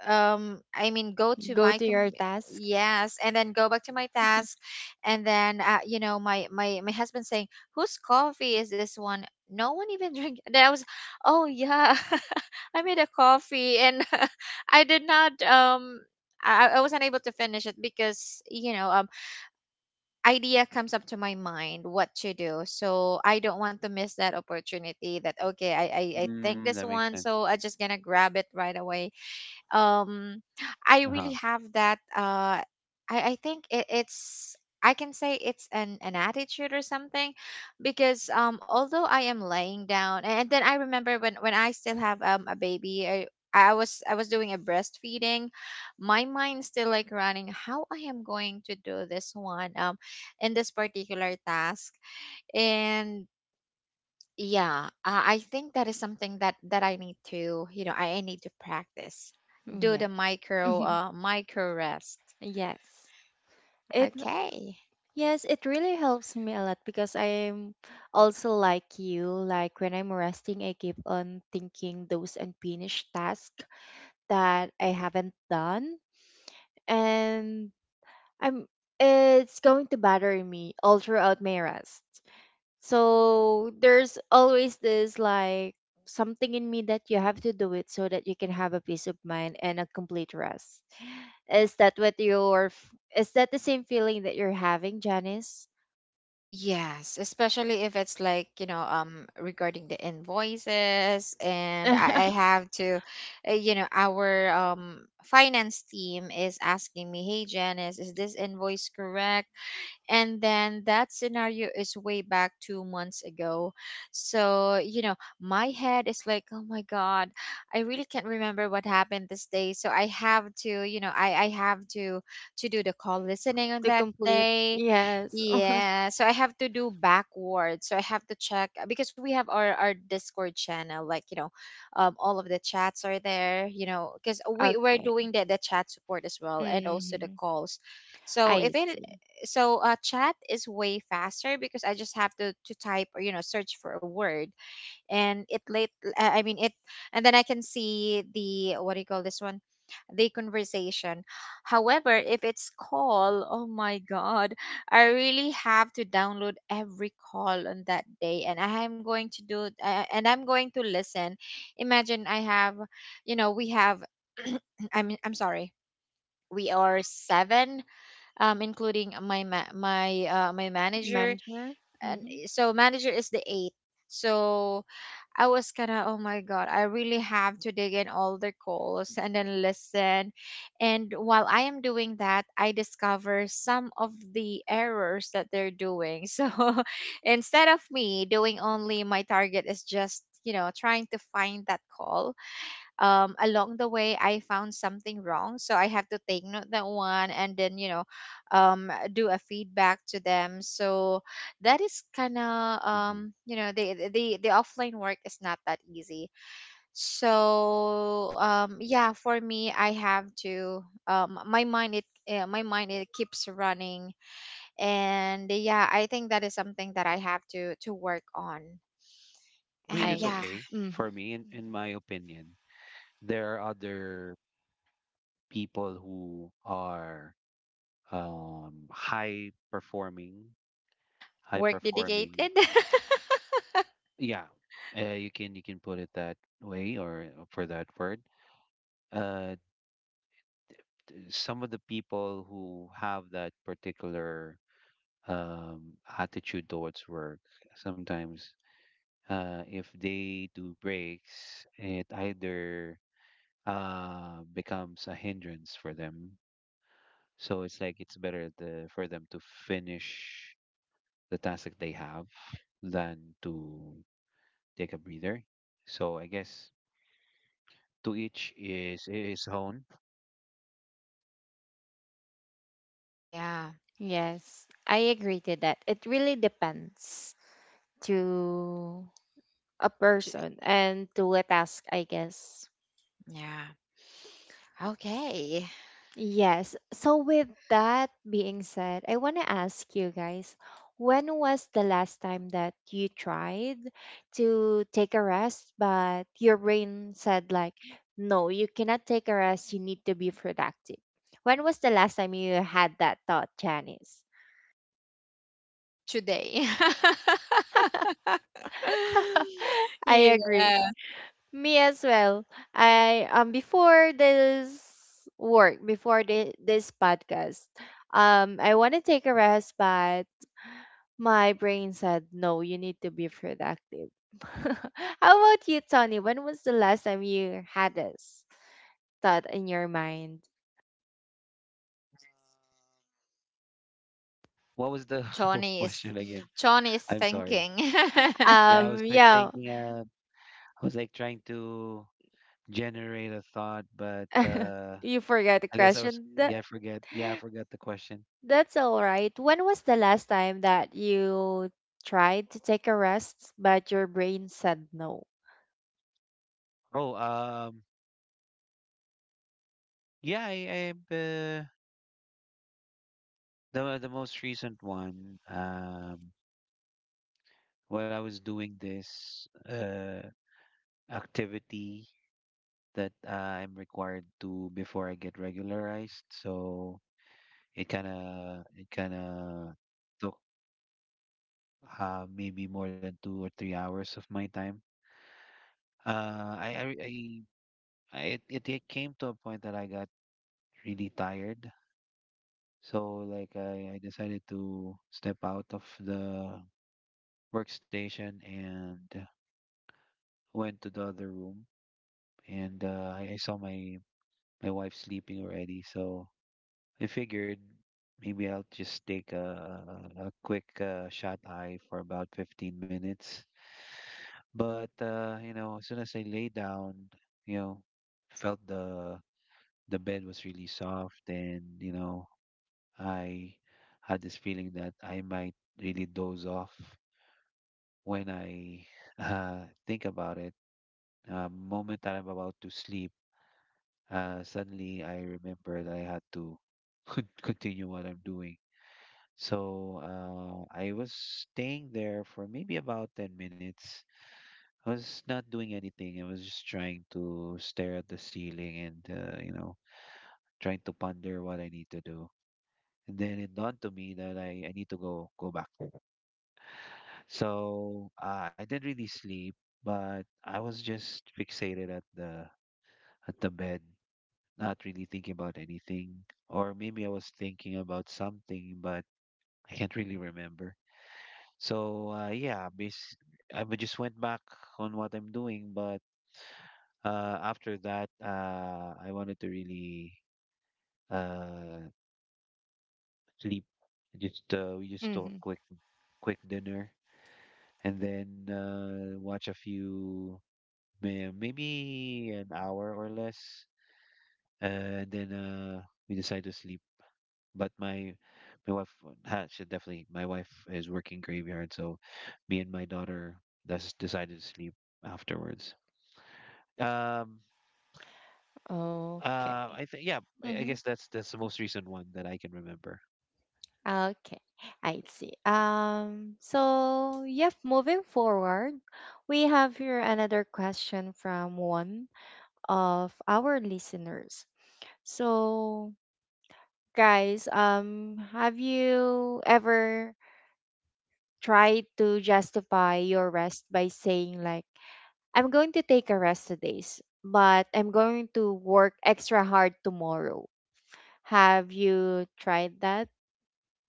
[SPEAKER 3] I mean go to
[SPEAKER 1] Go
[SPEAKER 3] my
[SPEAKER 1] to your
[SPEAKER 3] com-
[SPEAKER 1] task.
[SPEAKER 3] yes, and then go back to my task. And then my husband saying, whose coffee is this one? No one even drink, that was... oh yeah. I made a coffee and I did not. I was unable to finish it because idea comes up to my mind what to do, so I don't want to miss that opportunity. That okay, I think
[SPEAKER 2] Mm,
[SPEAKER 3] this
[SPEAKER 2] that makes
[SPEAKER 3] one,
[SPEAKER 2] sense.
[SPEAKER 3] so I just gonna grab it right away. um I really
[SPEAKER 2] Uh-huh.
[SPEAKER 3] have that I think it, it's I can say it's an attitude or something. Because although I am laying down, and then I remember when I still have a baby, I was doing a breastfeeding, my mind's still like running how I am going to do this one, in this particular task, and yeah, I think that is something that I need to, I need to practice.
[SPEAKER 1] Mm,
[SPEAKER 3] Do
[SPEAKER 1] yeah.
[SPEAKER 3] the micro, micro rest.
[SPEAKER 1] Yes. It
[SPEAKER 3] Okay.
[SPEAKER 1] yes, it really helps me a lot because I'm also like you. Like when I'm resting, I keep on thinking those unfinished tasks that I haven't done, and I'm it's going to bother me all throughout my rest. So there's always this like something in me that you have to do it so that you can have a peace of mind and a complete rest. Is that what your is that the same feeling that you're having, Janice?
[SPEAKER 3] Yes, especially if it's like, you know, regarding the invoices, and I
[SPEAKER 1] The
[SPEAKER 3] have to... you know, our finance team is asking me, hey Janice, is this invoice correct? And then that scenario is way back 2 months ago, so you know, my head is like, oh my god, I really can't remember what happened this day, so I have to, you know, I have to do the call listening on that
[SPEAKER 1] complete
[SPEAKER 3] day.
[SPEAKER 1] yes.
[SPEAKER 3] Yeah, so I have to do backwards, so I have to check, because we have our Discord channel, like, you know, all of the chats are there, you know, because
[SPEAKER 1] Oh,
[SPEAKER 3] we're
[SPEAKER 1] okay.
[SPEAKER 3] doing the chat support as well, and also the
[SPEAKER 1] Hmm.
[SPEAKER 3] calls. So
[SPEAKER 1] I
[SPEAKER 3] if it
[SPEAKER 1] see.
[SPEAKER 3] So chat is way faster because I just have to type, or you know, search for a word, and it late, it, and then I can see the, what do you call this one, the conversation. However, if it's call, oh my god, I really have to download every call on that day, and I am going to do, and I'm going to listen. Imagine I have, you know, we have I'm sorry. We are seven, including my my manager.
[SPEAKER 1] Manager.
[SPEAKER 3] And
[SPEAKER 1] Mm-hmm.
[SPEAKER 3] so manager is the eighth. So I was kind of, oh my God, I really have to dig in all the calls and then listen. And while I am doing that, I discover some of the errors that they're doing. So instead of me doing only, my target is just, you know, trying to find that call. Along the way I found something wrong, so I have to take note that one, and then, you know, do a feedback to them. So that is kind of,
[SPEAKER 2] Hmm.
[SPEAKER 3] you know, the offline work is not that easy. So yeah, for me, I have to, my mind it keeps running. And yeah, I think that is something that I have to work on.
[SPEAKER 2] I mean,
[SPEAKER 3] And
[SPEAKER 2] it's
[SPEAKER 1] I
[SPEAKER 3] yeah,
[SPEAKER 2] okay
[SPEAKER 1] mm-hmm.
[SPEAKER 2] for me, in my opinion. There are other people who are um high performing high
[SPEAKER 3] work
[SPEAKER 2] performing,
[SPEAKER 3] dedicated.
[SPEAKER 2] yeah. You can put it that way, or for that word, uh some of the people who have that particular attitude towards work sometimes, if they do breaks, it either becomes a hindrance for them. So it's like it's better the for them to finish the task that they have than to take a breather. So I guess to each is his own.
[SPEAKER 3] Yeah.
[SPEAKER 1] Yes. I agree to that. It really depends to a
[SPEAKER 3] J-
[SPEAKER 1] person and to a task, I guess.
[SPEAKER 3] yeah. Okay.
[SPEAKER 1] Yes. So, with that being said, I want to ask you guys when was the last time that you tried to take a rest, but your brain said, like, no, you cannot take a rest, you need to be productive? When was the last time you had that thought, Janice?
[SPEAKER 3] Today.
[SPEAKER 1] I agree.
[SPEAKER 3] Yeah.
[SPEAKER 1] Me as well. I before this work, before this podcast, I want to take a rest, but my brain said, no, you need to be productive. How about you, Tony? When was the last time you had this thought in your mind?
[SPEAKER 2] What was the
[SPEAKER 3] Johnny is
[SPEAKER 2] question again?
[SPEAKER 3] Johnny is
[SPEAKER 2] I'm sorry.
[SPEAKER 3] thinking.
[SPEAKER 2] Yeah, I was like
[SPEAKER 1] Yeah,
[SPEAKER 2] thinking, I was like trying to generate a thought, but
[SPEAKER 1] you forgot the
[SPEAKER 2] I guess I was,
[SPEAKER 1] question.
[SPEAKER 2] yeah, I forgot the question.
[SPEAKER 1] That's all right. When was the last time that you tried to take a rest, but your brain said no?
[SPEAKER 2] Oh, yeah, I the most recent one, while I was doing this activity that I'm required to before I get regularized. So it kind of took maybe more than 2 or 3 hours of my time. I, re- I- it came to a point that I got really tired. So like I decided to step out of the workstation and went to the other room and I saw my wife sleeping already. So I figured maybe I'll just take a quick shut eye for about 15 minutes. But as soon as I lay down, you know, felt the bed was really soft, and I had this feeling that I might really doze off when I think about it. Moment that I'm about to sleep, suddenly I remember that I had to continue what I'm doing. So I was staying there for maybe about 10 minutes. I was not doing anything. I was just trying to stare at the ceiling and, trying to ponder what I need to do. And then it dawned to me that I need to go back. So I didn't really sleep, but I was just fixated at the bed, not really thinking about anything. Or maybe I was thinking about something, but I can't really remember. So just went back on what I'm doing, but after that, I wanted to really uh, sleep. Just we just took
[SPEAKER 1] Mm-hmm.
[SPEAKER 2] a quick dinner and then watch a few maybe an hour or less, and then we decide to sleep. But my wife ha, she definitely my wife is working graveyard, so me and my daughter just decided to sleep afterwards. Um,
[SPEAKER 1] Okay.
[SPEAKER 2] I think yeah, I guess that's the most recent one that I can remember.
[SPEAKER 1] Okay, I see. So yep, moving forward, we have here another question from one of our listeners. So guys, have you ever tried to justify your rest by saying like, I'm going to take a rest today, but I'm going to work extra hard tomorrow. Have you tried that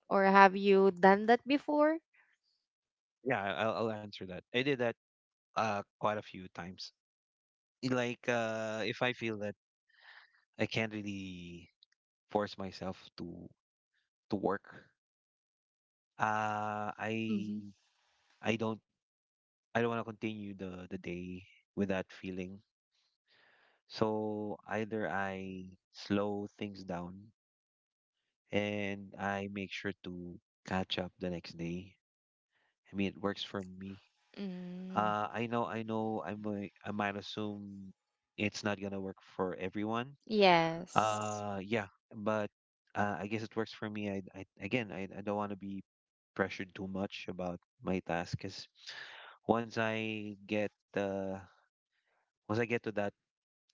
[SPEAKER 1] or have you done that before?
[SPEAKER 2] Yeah, I'll answer that. I did that quite a few times. Like if I feel that I can't really force myself to work, uh, I I don't want to continue the day with that feeling. So either I slow things down and I make sure to catch up the next day. I mean, it works for me.
[SPEAKER 1] Mm,
[SPEAKER 2] I know, I might assume it's not gonna work for everyone.
[SPEAKER 1] yes.
[SPEAKER 2] Uh, yeah, but I guess it works for me. I again, I don't want to be pressured too much about my task because once I get uh, to that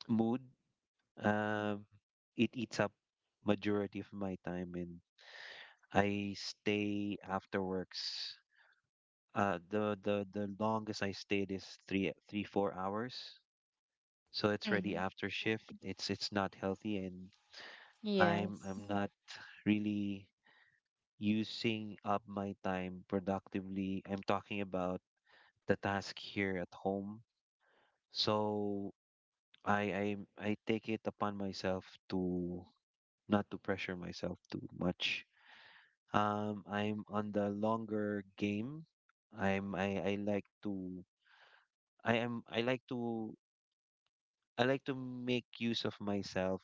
[SPEAKER 2] mood, um, it eats up majority of my time, and I stay after works. The longest I stayed is 3, 3, 4 hours. So it's ready
[SPEAKER 1] Hmm.
[SPEAKER 2] after shift. It's not healthy, and I'm
[SPEAKER 1] Yes.
[SPEAKER 2] not really using up my time productively. I'm talking about the task here at home. So I take it upon myself to not to pressure myself too much. I'm on the longer game. I like to I am I like to I like to make use of myself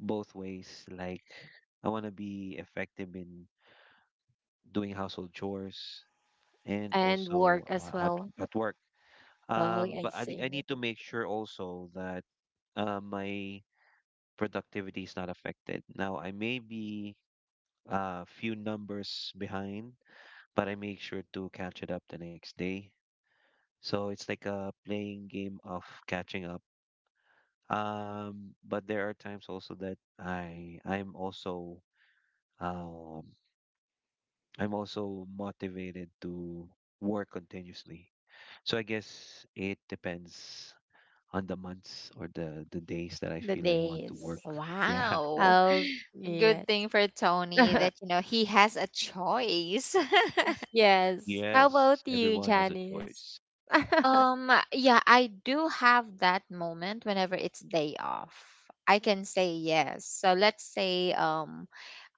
[SPEAKER 2] both ways. Like I want to be effective in doing household chores and
[SPEAKER 1] And
[SPEAKER 2] also
[SPEAKER 1] work as
[SPEAKER 2] at
[SPEAKER 1] well.
[SPEAKER 2] work.
[SPEAKER 1] Oh, yeah, I
[SPEAKER 2] But I
[SPEAKER 1] see.
[SPEAKER 2] need to make sure also that my productivity is not affected. Now I may be a few numbers behind, but I make sure to catch it up the next day. So it's like a playing game of catching up. But there are times also that um I'm also motivated to work continuously. So I guess it depends on the months or the days that I
[SPEAKER 1] The
[SPEAKER 2] feel I want to work.
[SPEAKER 1] days.
[SPEAKER 2] Yeah.
[SPEAKER 3] Wow.
[SPEAKER 1] Oh,
[SPEAKER 3] Good
[SPEAKER 1] yes.
[SPEAKER 3] thing for Tony that, you know, he has a choice.
[SPEAKER 1] Yes. How about
[SPEAKER 2] Yes.
[SPEAKER 1] you,
[SPEAKER 2] Everyone has a
[SPEAKER 1] Janice?
[SPEAKER 2] choice.
[SPEAKER 3] Yeah, I do have that moment whenever it's day off. I can say yes. So let's say,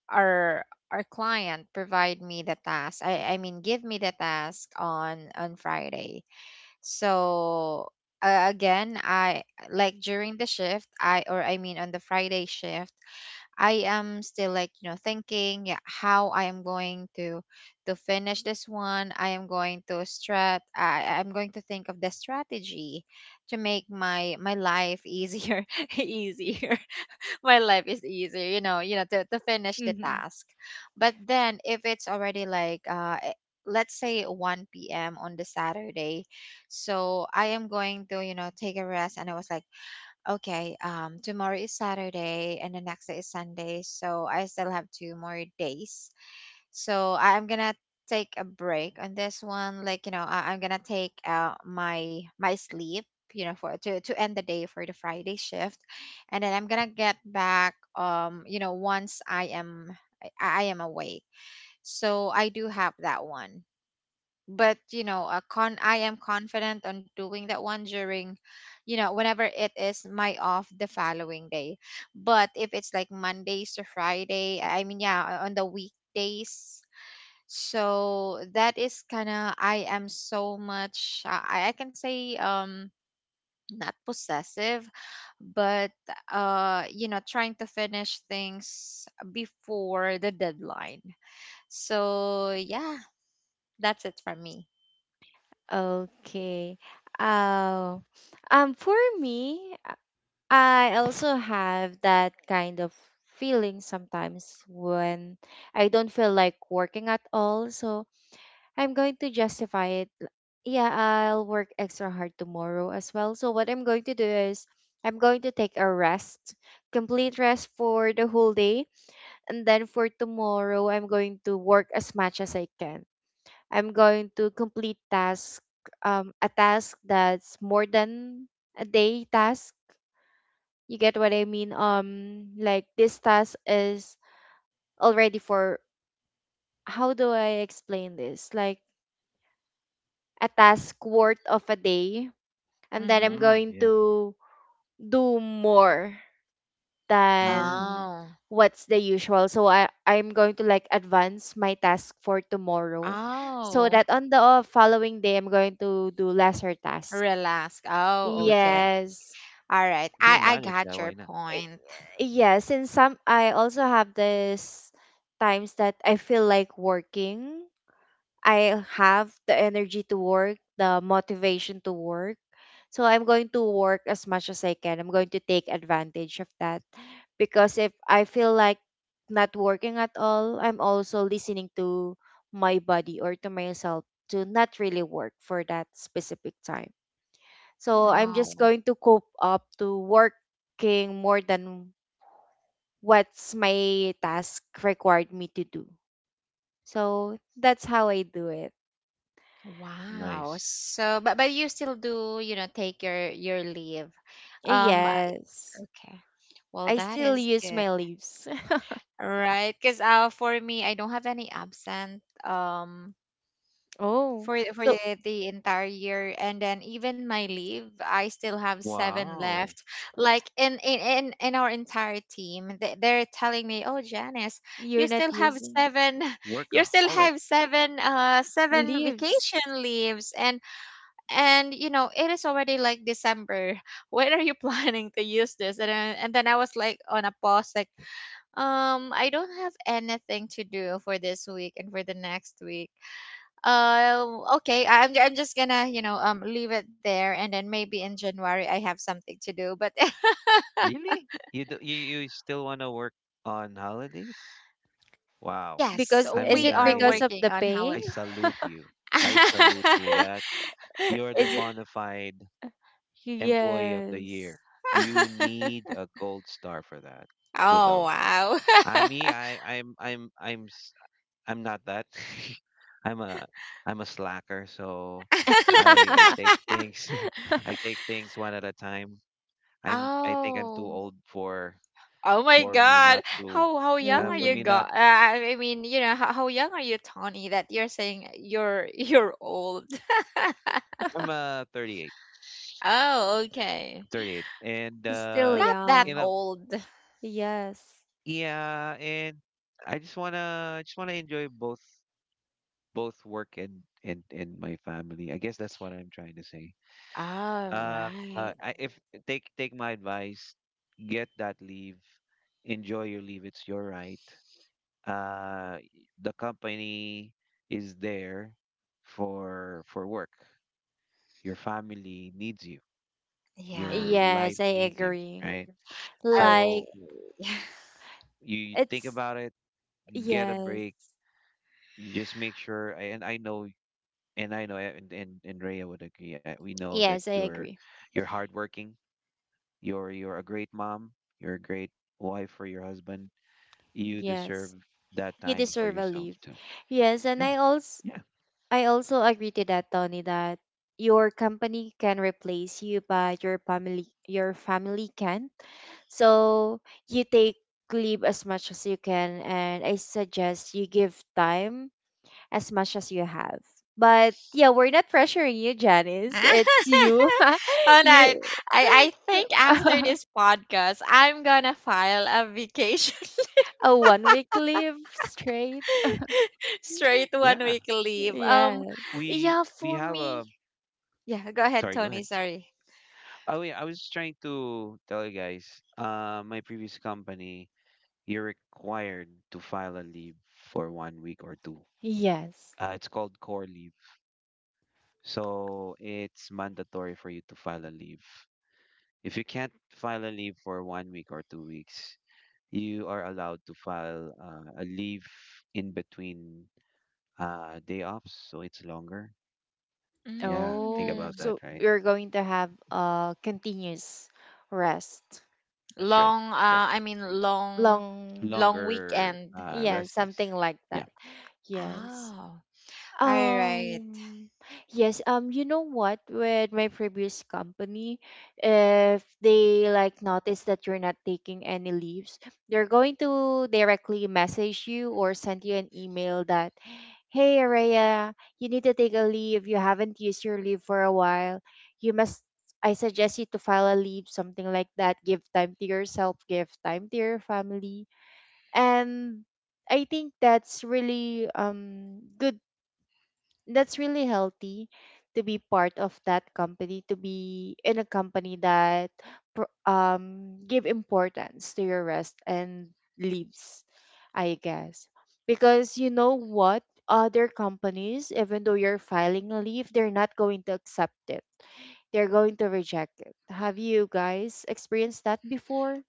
[SPEAKER 3] our client provide me the task, give me the task on Friday. So, again, I like during the shift, I or I mean on the Friday shift, I am still like, you know, thinking, yeah, how I am going to finish this one, I am going to strat I'm going to think of the strategy to make my life easier easier my life is easier, you know, to finish the
[SPEAKER 1] Mhm.
[SPEAKER 3] task. But then, if it's already like, let's say 1 p.m on the Saturday, so I am going to, you know, take a rest, and I was like, okay, tomorrow is Saturday and the next day is Sunday, so I still have 2 more days. So I'm gonna take a break on this one. Like, you know, I'm gonna take out my sleep. You know, for to end the day for the Friday shift, and then I'm gonna get back. You know, once I am awake. So I do have that one. But you know, a con I am confident on doing that one during, you know, whenever it is my off the following day. But if it's like Mondays to Friday, I mean, yeah, on the weekdays, so that is kind of, I am so much, I can say, not possessive, but you know, trying to finish things before the deadline. So yeah, that's it for me.
[SPEAKER 1] Okay. Oh, for me, I also have that kind of feeling sometimes when I don't feel like working at all. So I'm going to justify it. Yeah, I'll work extra hard tomorrow as well. So what I'm going to do is I'm going to take a rest, complete rest for the whole day, and then for tomorrow I'm going to work as much as I can. I'm going to complete task, um, a task that's more than a day task. You get what I mean? Um, like this task is already for, how do I explain this? Like a task worth of a day, and then I'm
[SPEAKER 3] Mhm.
[SPEAKER 2] Mm,
[SPEAKER 1] going
[SPEAKER 2] yeah.
[SPEAKER 1] to do more than
[SPEAKER 2] Mm.
[SPEAKER 3] Oh.
[SPEAKER 1] what's the usual. So I'm going to like advance my task for tomorrow so
[SPEAKER 3] Oh.
[SPEAKER 1] that on the following day I'm going to do lesser tasks.
[SPEAKER 3] Relax. Oh,
[SPEAKER 2] Well, that's
[SPEAKER 3] okay.
[SPEAKER 2] nice.
[SPEAKER 1] Yes.
[SPEAKER 3] All right.
[SPEAKER 2] If you
[SPEAKER 3] I
[SPEAKER 2] can
[SPEAKER 3] I
[SPEAKER 2] manage
[SPEAKER 3] got
[SPEAKER 2] that, why
[SPEAKER 3] your
[SPEAKER 2] not?
[SPEAKER 1] I-
[SPEAKER 3] point.
[SPEAKER 1] Yes, and some I also have this times that I feel like working. I have the energy to work, the motivation to work. So I'm going to work as much as I can. I'm going to take advantage of that, because if I feel like not working at all, I'm also listening to my body or to myself to not really work for that specific time. So I'm just
[SPEAKER 3] Oh.
[SPEAKER 1] going to cope up to working more than what's my task required me to do. So that's how I do it.
[SPEAKER 3] Wow.
[SPEAKER 2] Nice.
[SPEAKER 3] So, but you still do, you know, take your leave. Um, I-
[SPEAKER 1] Yes.
[SPEAKER 3] okay. Well,
[SPEAKER 1] I
[SPEAKER 3] that
[SPEAKER 1] still
[SPEAKER 3] is
[SPEAKER 1] use
[SPEAKER 3] good.
[SPEAKER 1] my leaves.
[SPEAKER 3] All right, because, for me, I don't have any absent,
[SPEAKER 1] Oh,
[SPEAKER 3] for
[SPEAKER 1] so
[SPEAKER 3] the entire year, and then, even my leave, I still have seven
[SPEAKER 2] Wow.
[SPEAKER 3] left. Like, in our entire team, they're telling me, "Oh, Janice, you
[SPEAKER 1] you're not
[SPEAKER 3] still have
[SPEAKER 1] using
[SPEAKER 3] seven, you still
[SPEAKER 2] Workaholic.
[SPEAKER 3] have seven seven
[SPEAKER 1] leaves
[SPEAKER 3] vacation leaves," and you know, it is already like December, when are you planning to use this, and then I was like on a pause, like, I don't have anything to do for this week and for the next week. uh okay, I'm just gonna, you know, leave it there, and then maybe in January I have something to do, but...
[SPEAKER 2] Really? You do, you still want to work on holidays? Wow.
[SPEAKER 3] Yes,
[SPEAKER 1] because
[SPEAKER 2] I
[SPEAKER 1] is
[SPEAKER 3] we
[SPEAKER 2] mean,
[SPEAKER 1] it
[SPEAKER 3] are
[SPEAKER 1] because of
[SPEAKER 3] working
[SPEAKER 1] the
[SPEAKER 3] on how
[SPEAKER 1] pay?
[SPEAKER 3] it.
[SPEAKER 2] I salute you. I salute you with that. You're the
[SPEAKER 1] Is it?
[SPEAKER 2] bona fide employee of the year.
[SPEAKER 1] Yes.
[SPEAKER 2] You need a gold star for that.
[SPEAKER 3] Oh
[SPEAKER 2] Kudos.
[SPEAKER 3] wow.
[SPEAKER 2] I me, I, I'm, s- I'm not that. I'm a, I'm a slacker. So, I take things, I take things one at a time. I think I'm too
[SPEAKER 3] Oh.
[SPEAKER 2] old
[SPEAKER 3] Oh my
[SPEAKER 2] for me
[SPEAKER 3] God!
[SPEAKER 2] not to,
[SPEAKER 3] How young are
[SPEAKER 2] for
[SPEAKER 3] you?
[SPEAKER 1] Oh,
[SPEAKER 2] me
[SPEAKER 3] Go
[SPEAKER 2] not.
[SPEAKER 3] I mean, You know, how young are you, Tony? That you're saying you're you're old.
[SPEAKER 2] I'm 38,
[SPEAKER 3] Oh, okay.
[SPEAKER 2] 38, and
[SPEAKER 1] still
[SPEAKER 3] Not that
[SPEAKER 2] you
[SPEAKER 1] young.
[SPEAKER 2] know,
[SPEAKER 3] old.
[SPEAKER 1] Yes.
[SPEAKER 2] yeah, and I just wanna enjoy both work and my family. I guess that's what I'm trying to say.
[SPEAKER 3] All
[SPEAKER 2] Uh,
[SPEAKER 3] right.
[SPEAKER 2] if take my advice, get that leave, enjoy your leave. It's your right. Uh, the company is there for work. Your family needs you.
[SPEAKER 3] Yeah.
[SPEAKER 2] Your
[SPEAKER 1] Yes,
[SPEAKER 2] life
[SPEAKER 1] I
[SPEAKER 2] needs you,
[SPEAKER 1] agree.
[SPEAKER 2] right?
[SPEAKER 3] Okay.
[SPEAKER 1] Like
[SPEAKER 2] So you think
[SPEAKER 1] it's,
[SPEAKER 2] about it, get a
[SPEAKER 1] yes.
[SPEAKER 2] break. You just make sure, and I know and Rhea would agree. I, we know that
[SPEAKER 1] Yes, I agree.
[SPEAKER 2] you're hardworking. You're a great mom. You're a great wife for your husband. You deserve
[SPEAKER 1] Yes.
[SPEAKER 2] that
[SPEAKER 1] You
[SPEAKER 2] time for
[SPEAKER 1] deserve a
[SPEAKER 2] yourself
[SPEAKER 1] leave.
[SPEAKER 2] too.
[SPEAKER 1] Yes, and
[SPEAKER 2] Yeah,
[SPEAKER 1] I also,
[SPEAKER 2] yeah,
[SPEAKER 1] I also agree to that, Tony, that your company can replace you, but your family can't. So you take leave as much as you can, and I suggest you give time as much as you have. But yeah, we're not pressuring you, Janice. It's you.
[SPEAKER 3] All right.
[SPEAKER 1] you,
[SPEAKER 3] I think after this podcast, I'm gonna file a vacation,
[SPEAKER 1] a one week leave straight.
[SPEAKER 3] straight one
[SPEAKER 2] yeah.
[SPEAKER 3] week leave.
[SPEAKER 1] Yes.
[SPEAKER 3] Yeah,
[SPEAKER 2] We
[SPEAKER 3] for
[SPEAKER 2] have
[SPEAKER 3] me.
[SPEAKER 2] a
[SPEAKER 3] Yeah, go ahead,
[SPEAKER 2] sorry. Go
[SPEAKER 3] Tony.
[SPEAKER 2] ahead.
[SPEAKER 3] Sorry.
[SPEAKER 2] Oh yeah, I was just trying to tell you guys. My previous company, you're required to file a leave for 1 week or two.
[SPEAKER 1] Yes.
[SPEAKER 2] It's called core leave. So it's mandatory for you to file a leave. If you can't file a leave for 1 week or 2 weeks, you are allowed to file a leave in between day offs, so it's longer. Yeah, think
[SPEAKER 1] Oh,
[SPEAKER 2] about
[SPEAKER 3] Mm.
[SPEAKER 2] that,
[SPEAKER 1] so
[SPEAKER 2] right?
[SPEAKER 1] you're going to have a continuous rest.
[SPEAKER 2] That's right.
[SPEAKER 3] Long,
[SPEAKER 2] Yeah,
[SPEAKER 3] I mean long,
[SPEAKER 1] Long,
[SPEAKER 3] Long
[SPEAKER 2] longer
[SPEAKER 3] weekend.
[SPEAKER 1] yeah,
[SPEAKER 2] rest days.
[SPEAKER 1] something like
[SPEAKER 2] Yeah,
[SPEAKER 1] that. Yes.
[SPEAKER 3] Oh, all right.
[SPEAKER 1] Um, yes, you know what? With my previous company, if they like notice that you're not taking any leaves, they're going to directly message you or send you an email that, hey, Araya, you need to take a leave. You haven't used your leave for a while. You must, I suggest you to file a leave, something like that. Give time to yourself, give time to your family. And I think that's really, um, good, that's really healthy to be part of that company, to be in a company that pro- um, give importance to your rest and leaves, I guess, because you know what, other companies, even though you're filing a leave, they're not going to accept it, they're going to reject it. Have you guys experienced that before?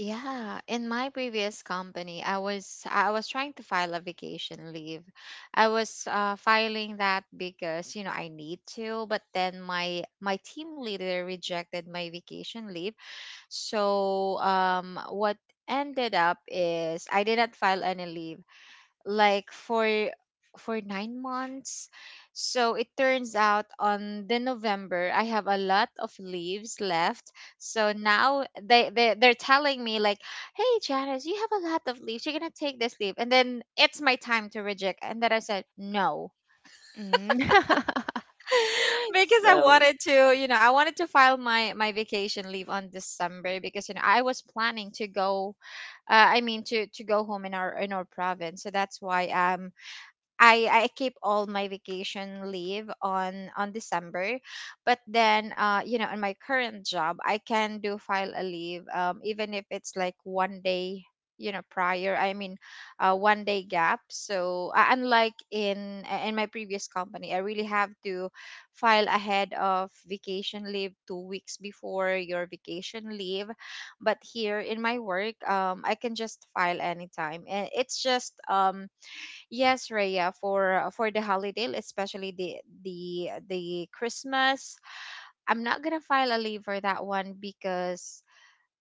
[SPEAKER 3] Yeah, in my previous company, I was trying to file a vacation leave. I was, filing that because you know I need to, but then my team leader rejected my vacation leave. So what ended up is I did not file any leave. Like for 9 months. So it turns out on the November I have a lot of leaves left. So now, they're telling me like, hey Janice, you have a lot of leaves. You're gonna take this leave. And then it's my time to reject. And then I said no.
[SPEAKER 1] Mm.
[SPEAKER 3] Because I
[SPEAKER 1] so
[SPEAKER 3] wanted to, you know, I wanted to file my vacation leave on December, because you know, I was planning to go, to go home in our province. So that's why, I keep all my vacation leave on December, but then you know, in my current job, I can do file a leave, even if it's like one day, you know, prior, one day gap. So, unlike in, in my previous company, I really have to file ahead of vacation leave 2 weeks before your vacation leave, but here in my work, I can just file anytime, and it's just Yes, Raya, for the holiday, especially the Christmas, I'm not gonna file a leave for that one, because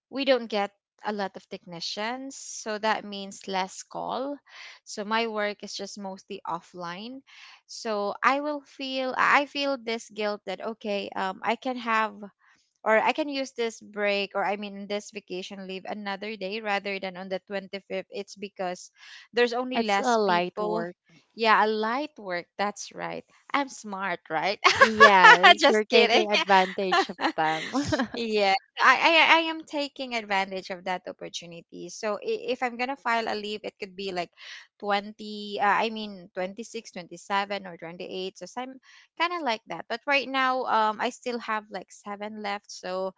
[SPEAKER 3] we don't get a lot of technicians, so that means less call. So my work is just mostly offline. So I feel this guilt that okay, I can have, or I can use this break, or I mean this vacation leave another day rather than on the 25th. It's because there's only
[SPEAKER 1] it's
[SPEAKER 3] less
[SPEAKER 1] a light.
[SPEAKER 3] people. Yeah, a light work. That's right. I'm smart, right?
[SPEAKER 1] Yes, you're
[SPEAKER 3] Just kidding.
[SPEAKER 1] taking advantage of them.
[SPEAKER 3] Yeah, I am taking advantage of that opportunity. So if I'm gonna file a leave, it could be like 20, 26, 27, or 28. So some kind of like that. But right now, I still have like seven left. So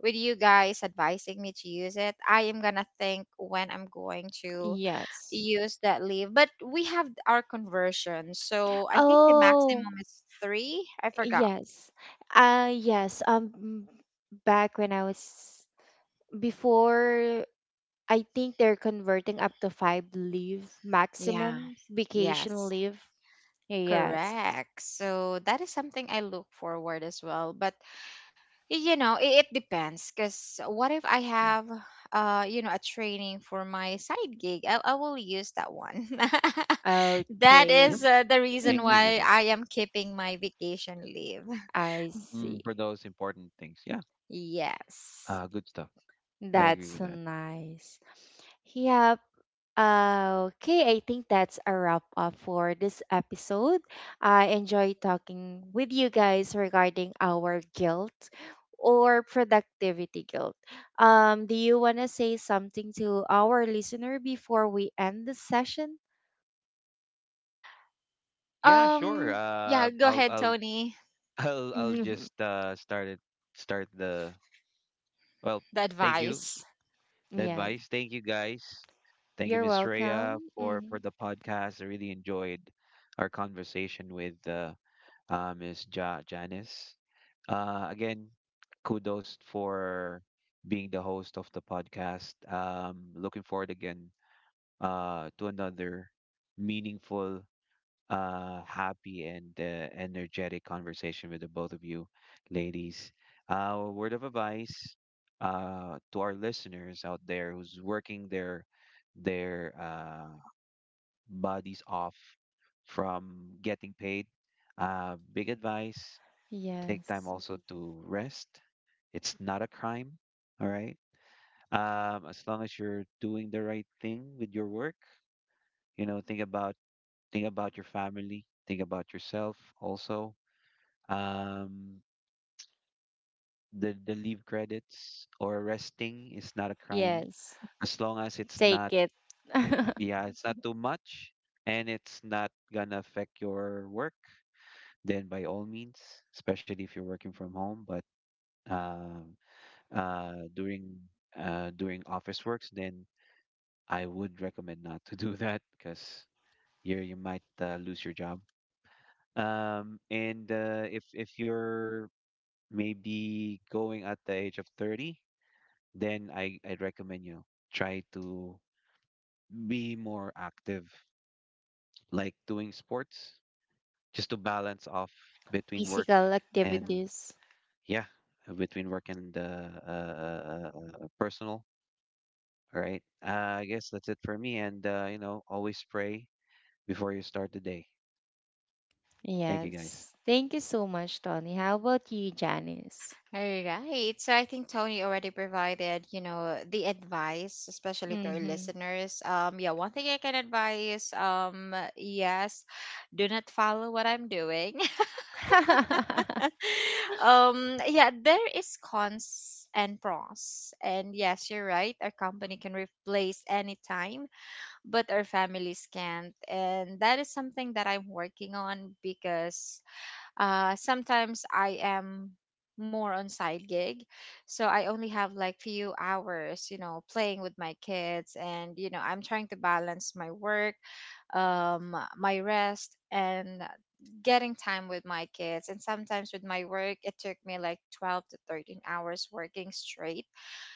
[SPEAKER 3] with you guys advising me to use it, I am gonna think when I'm going to
[SPEAKER 1] Yes.
[SPEAKER 3] use that leave. But we have our conversion, so I think the
[SPEAKER 1] Oh,
[SPEAKER 3] maximum is three. I forgot.
[SPEAKER 1] yes. Uh, yes. Um, back when I was, before, I think they're converting up to five leave
[SPEAKER 3] Yeah.
[SPEAKER 1] maximum vacation
[SPEAKER 3] Yes.
[SPEAKER 1] leave. Yes.
[SPEAKER 3] Correct. So that is something I look forward as well. But you know, it depends because what if I
[SPEAKER 2] yeah.
[SPEAKER 3] have, you know, a training for my side gig, I will use that one. That
[SPEAKER 1] Okay.
[SPEAKER 3] is,
[SPEAKER 2] Yep.
[SPEAKER 3] the reason
[SPEAKER 2] Make use
[SPEAKER 1] Hmm.
[SPEAKER 3] why
[SPEAKER 2] of it,
[SPEAKER 3] I am keeping my vacation leave.
[SPEAKER 1] I see.
[SPEAKER 2] mm, for those important things. Yeah,
[SPEAKER 3] Yes.
[SPEAKER 2] good stuff. I agree
[SPEAKER 1] That's
[SPEAKER 2] with that.
[SPEAKER 1] nice. Yep. Okay, I think that's a wrap up for this episode. I enjoyed talking with you guys regarding our guilt or productivity guilt. Do you want to say something to our listener before we end the session?
[SPEAKER 2] Yeah,
[SPEAKER 3] um
[SPEAKER 2] sure.
[SPEAKER 3] yeah,
[SPEAKER 2] Uh,
[SPEAKER 3] go
[SPEAKER 2] I'll
[SPEAKER 3] ahead,
[SPEAKER 2] I'll
[SPEAKER 3] Tony.
[SPEAKER 2] I'll I'll
[SPEAKER 1] Mhm.
[SPEAKER 2] just uh, start it. Start the well.
[SPEAKER 3] The
[SPEAKER 2] Thank you
[SPEAKER 3] advice.
[SPEAKER 2] the
[SPEAKER 1] Yeah,
[SPEAKER 2] advice. Thank you guys. Thank you,
[SPEAKER 1] you're
[SPEAKER 2] Miss Rhea,
[SPEAKER 1] welcome.
[SPEAKER 2] for
[SPEAKER 1] Hmm.
[SPEAKER 2] the podcast. I really enjoyed our conversation with Miss Janice. Again, kudos for being the host of the podcast. Looking forward again to another meaningful happy and energetic conversation with the both of you, ladies. A word of advice to our listeners out there who's working their their uh, bodies off from getting paid. Big advice: take time
[SPEAKER 1] Yes,
[SPEAKER 2] also to rest. It's not a crime. All right. As long as you're doing the right thing with your work, you know, think about think about your family. Think about yourself also. Um, the leave credits or resting is not a crime,
[SPEAKER 1] yes,
[SPEAKER 2] as long as it's
[SPEAKER 1] take
[SPEAKER 2] not,
[SPEAKER 1] it.
[SPEAKER 2] yeah, it's not too much and it's not gonna affect your work. Then by all means, especially if you're working from home, but um during during office works, then I would recommend not to do that because you might lose your job. And if you're maybe going at the age of 30, then I'd recommend you try to be more active, like doing sports, just to balance off between work
[SPEAKER 1] Physical
[SPEAKER 2] and,
[SPEAKER 1] activities.
[SPEAKER 2] yeah, between work and personal. All right. I guess that's it for me. And, you know, always pray before you start the day. Thank you, guys.
[SPEAKER 1] Yes. Thank you so much, Tony. How about you, Janice?
[SPEAKER 3] All right, so I think Tony already provided, you know, the advice, especially to our
[SPEAKER 1] Mm-hmm.
[SPEAKER 3] listeners. Yeah, one thing I can advise, yes, do not follow what I'm doing. Yeah, there is cons and pros, and yes, you're right, our company can replace anytime, but our families can't, and that is something that I'm working on. Because sometimes I am more on side gig, so I only have like few hours, you know, playing with my kids, and you know, I'm trying to balance my work, my rest, and getting time with my kids. And sometimes with my work, it took me like 12 to 13 hours working straight,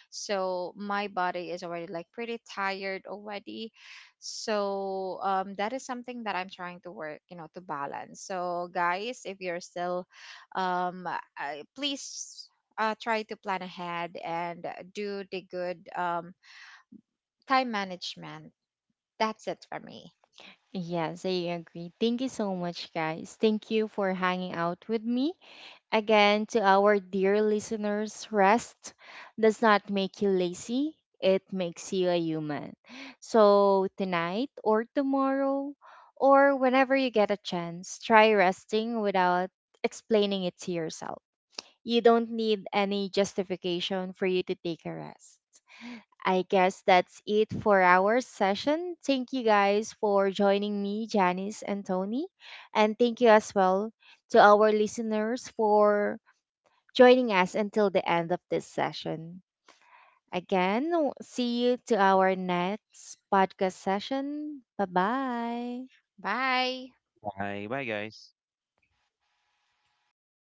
[SPEAKER 3] so my body is already like pretty tired already. So that is something that I'm trying to work, you know, to balance. So guys, if you're still, please, try to plan ahead, and do the good time management. That's it for me.
[SPEAKER 1] Yes, I agree. Thank you so much, guys. Thank you for hanging out with me. Again, to our dear listeners, rest does not make you lazy, it makes you a human. So, tonight or tomorrow, or whenever you get a chance, try resting without explaining it to yourself. You don't need any justification for you to take a rest. I guess that's it for our session. Thank you guys for joining me, Janice and Tony. And thank you as well to our listeners for joining us until the end of this session. Again, see you to our next podcast session. Bye bye.
[SPEAKER 3] Bye.
[SPEAKER 2] Bye. Bye, guys.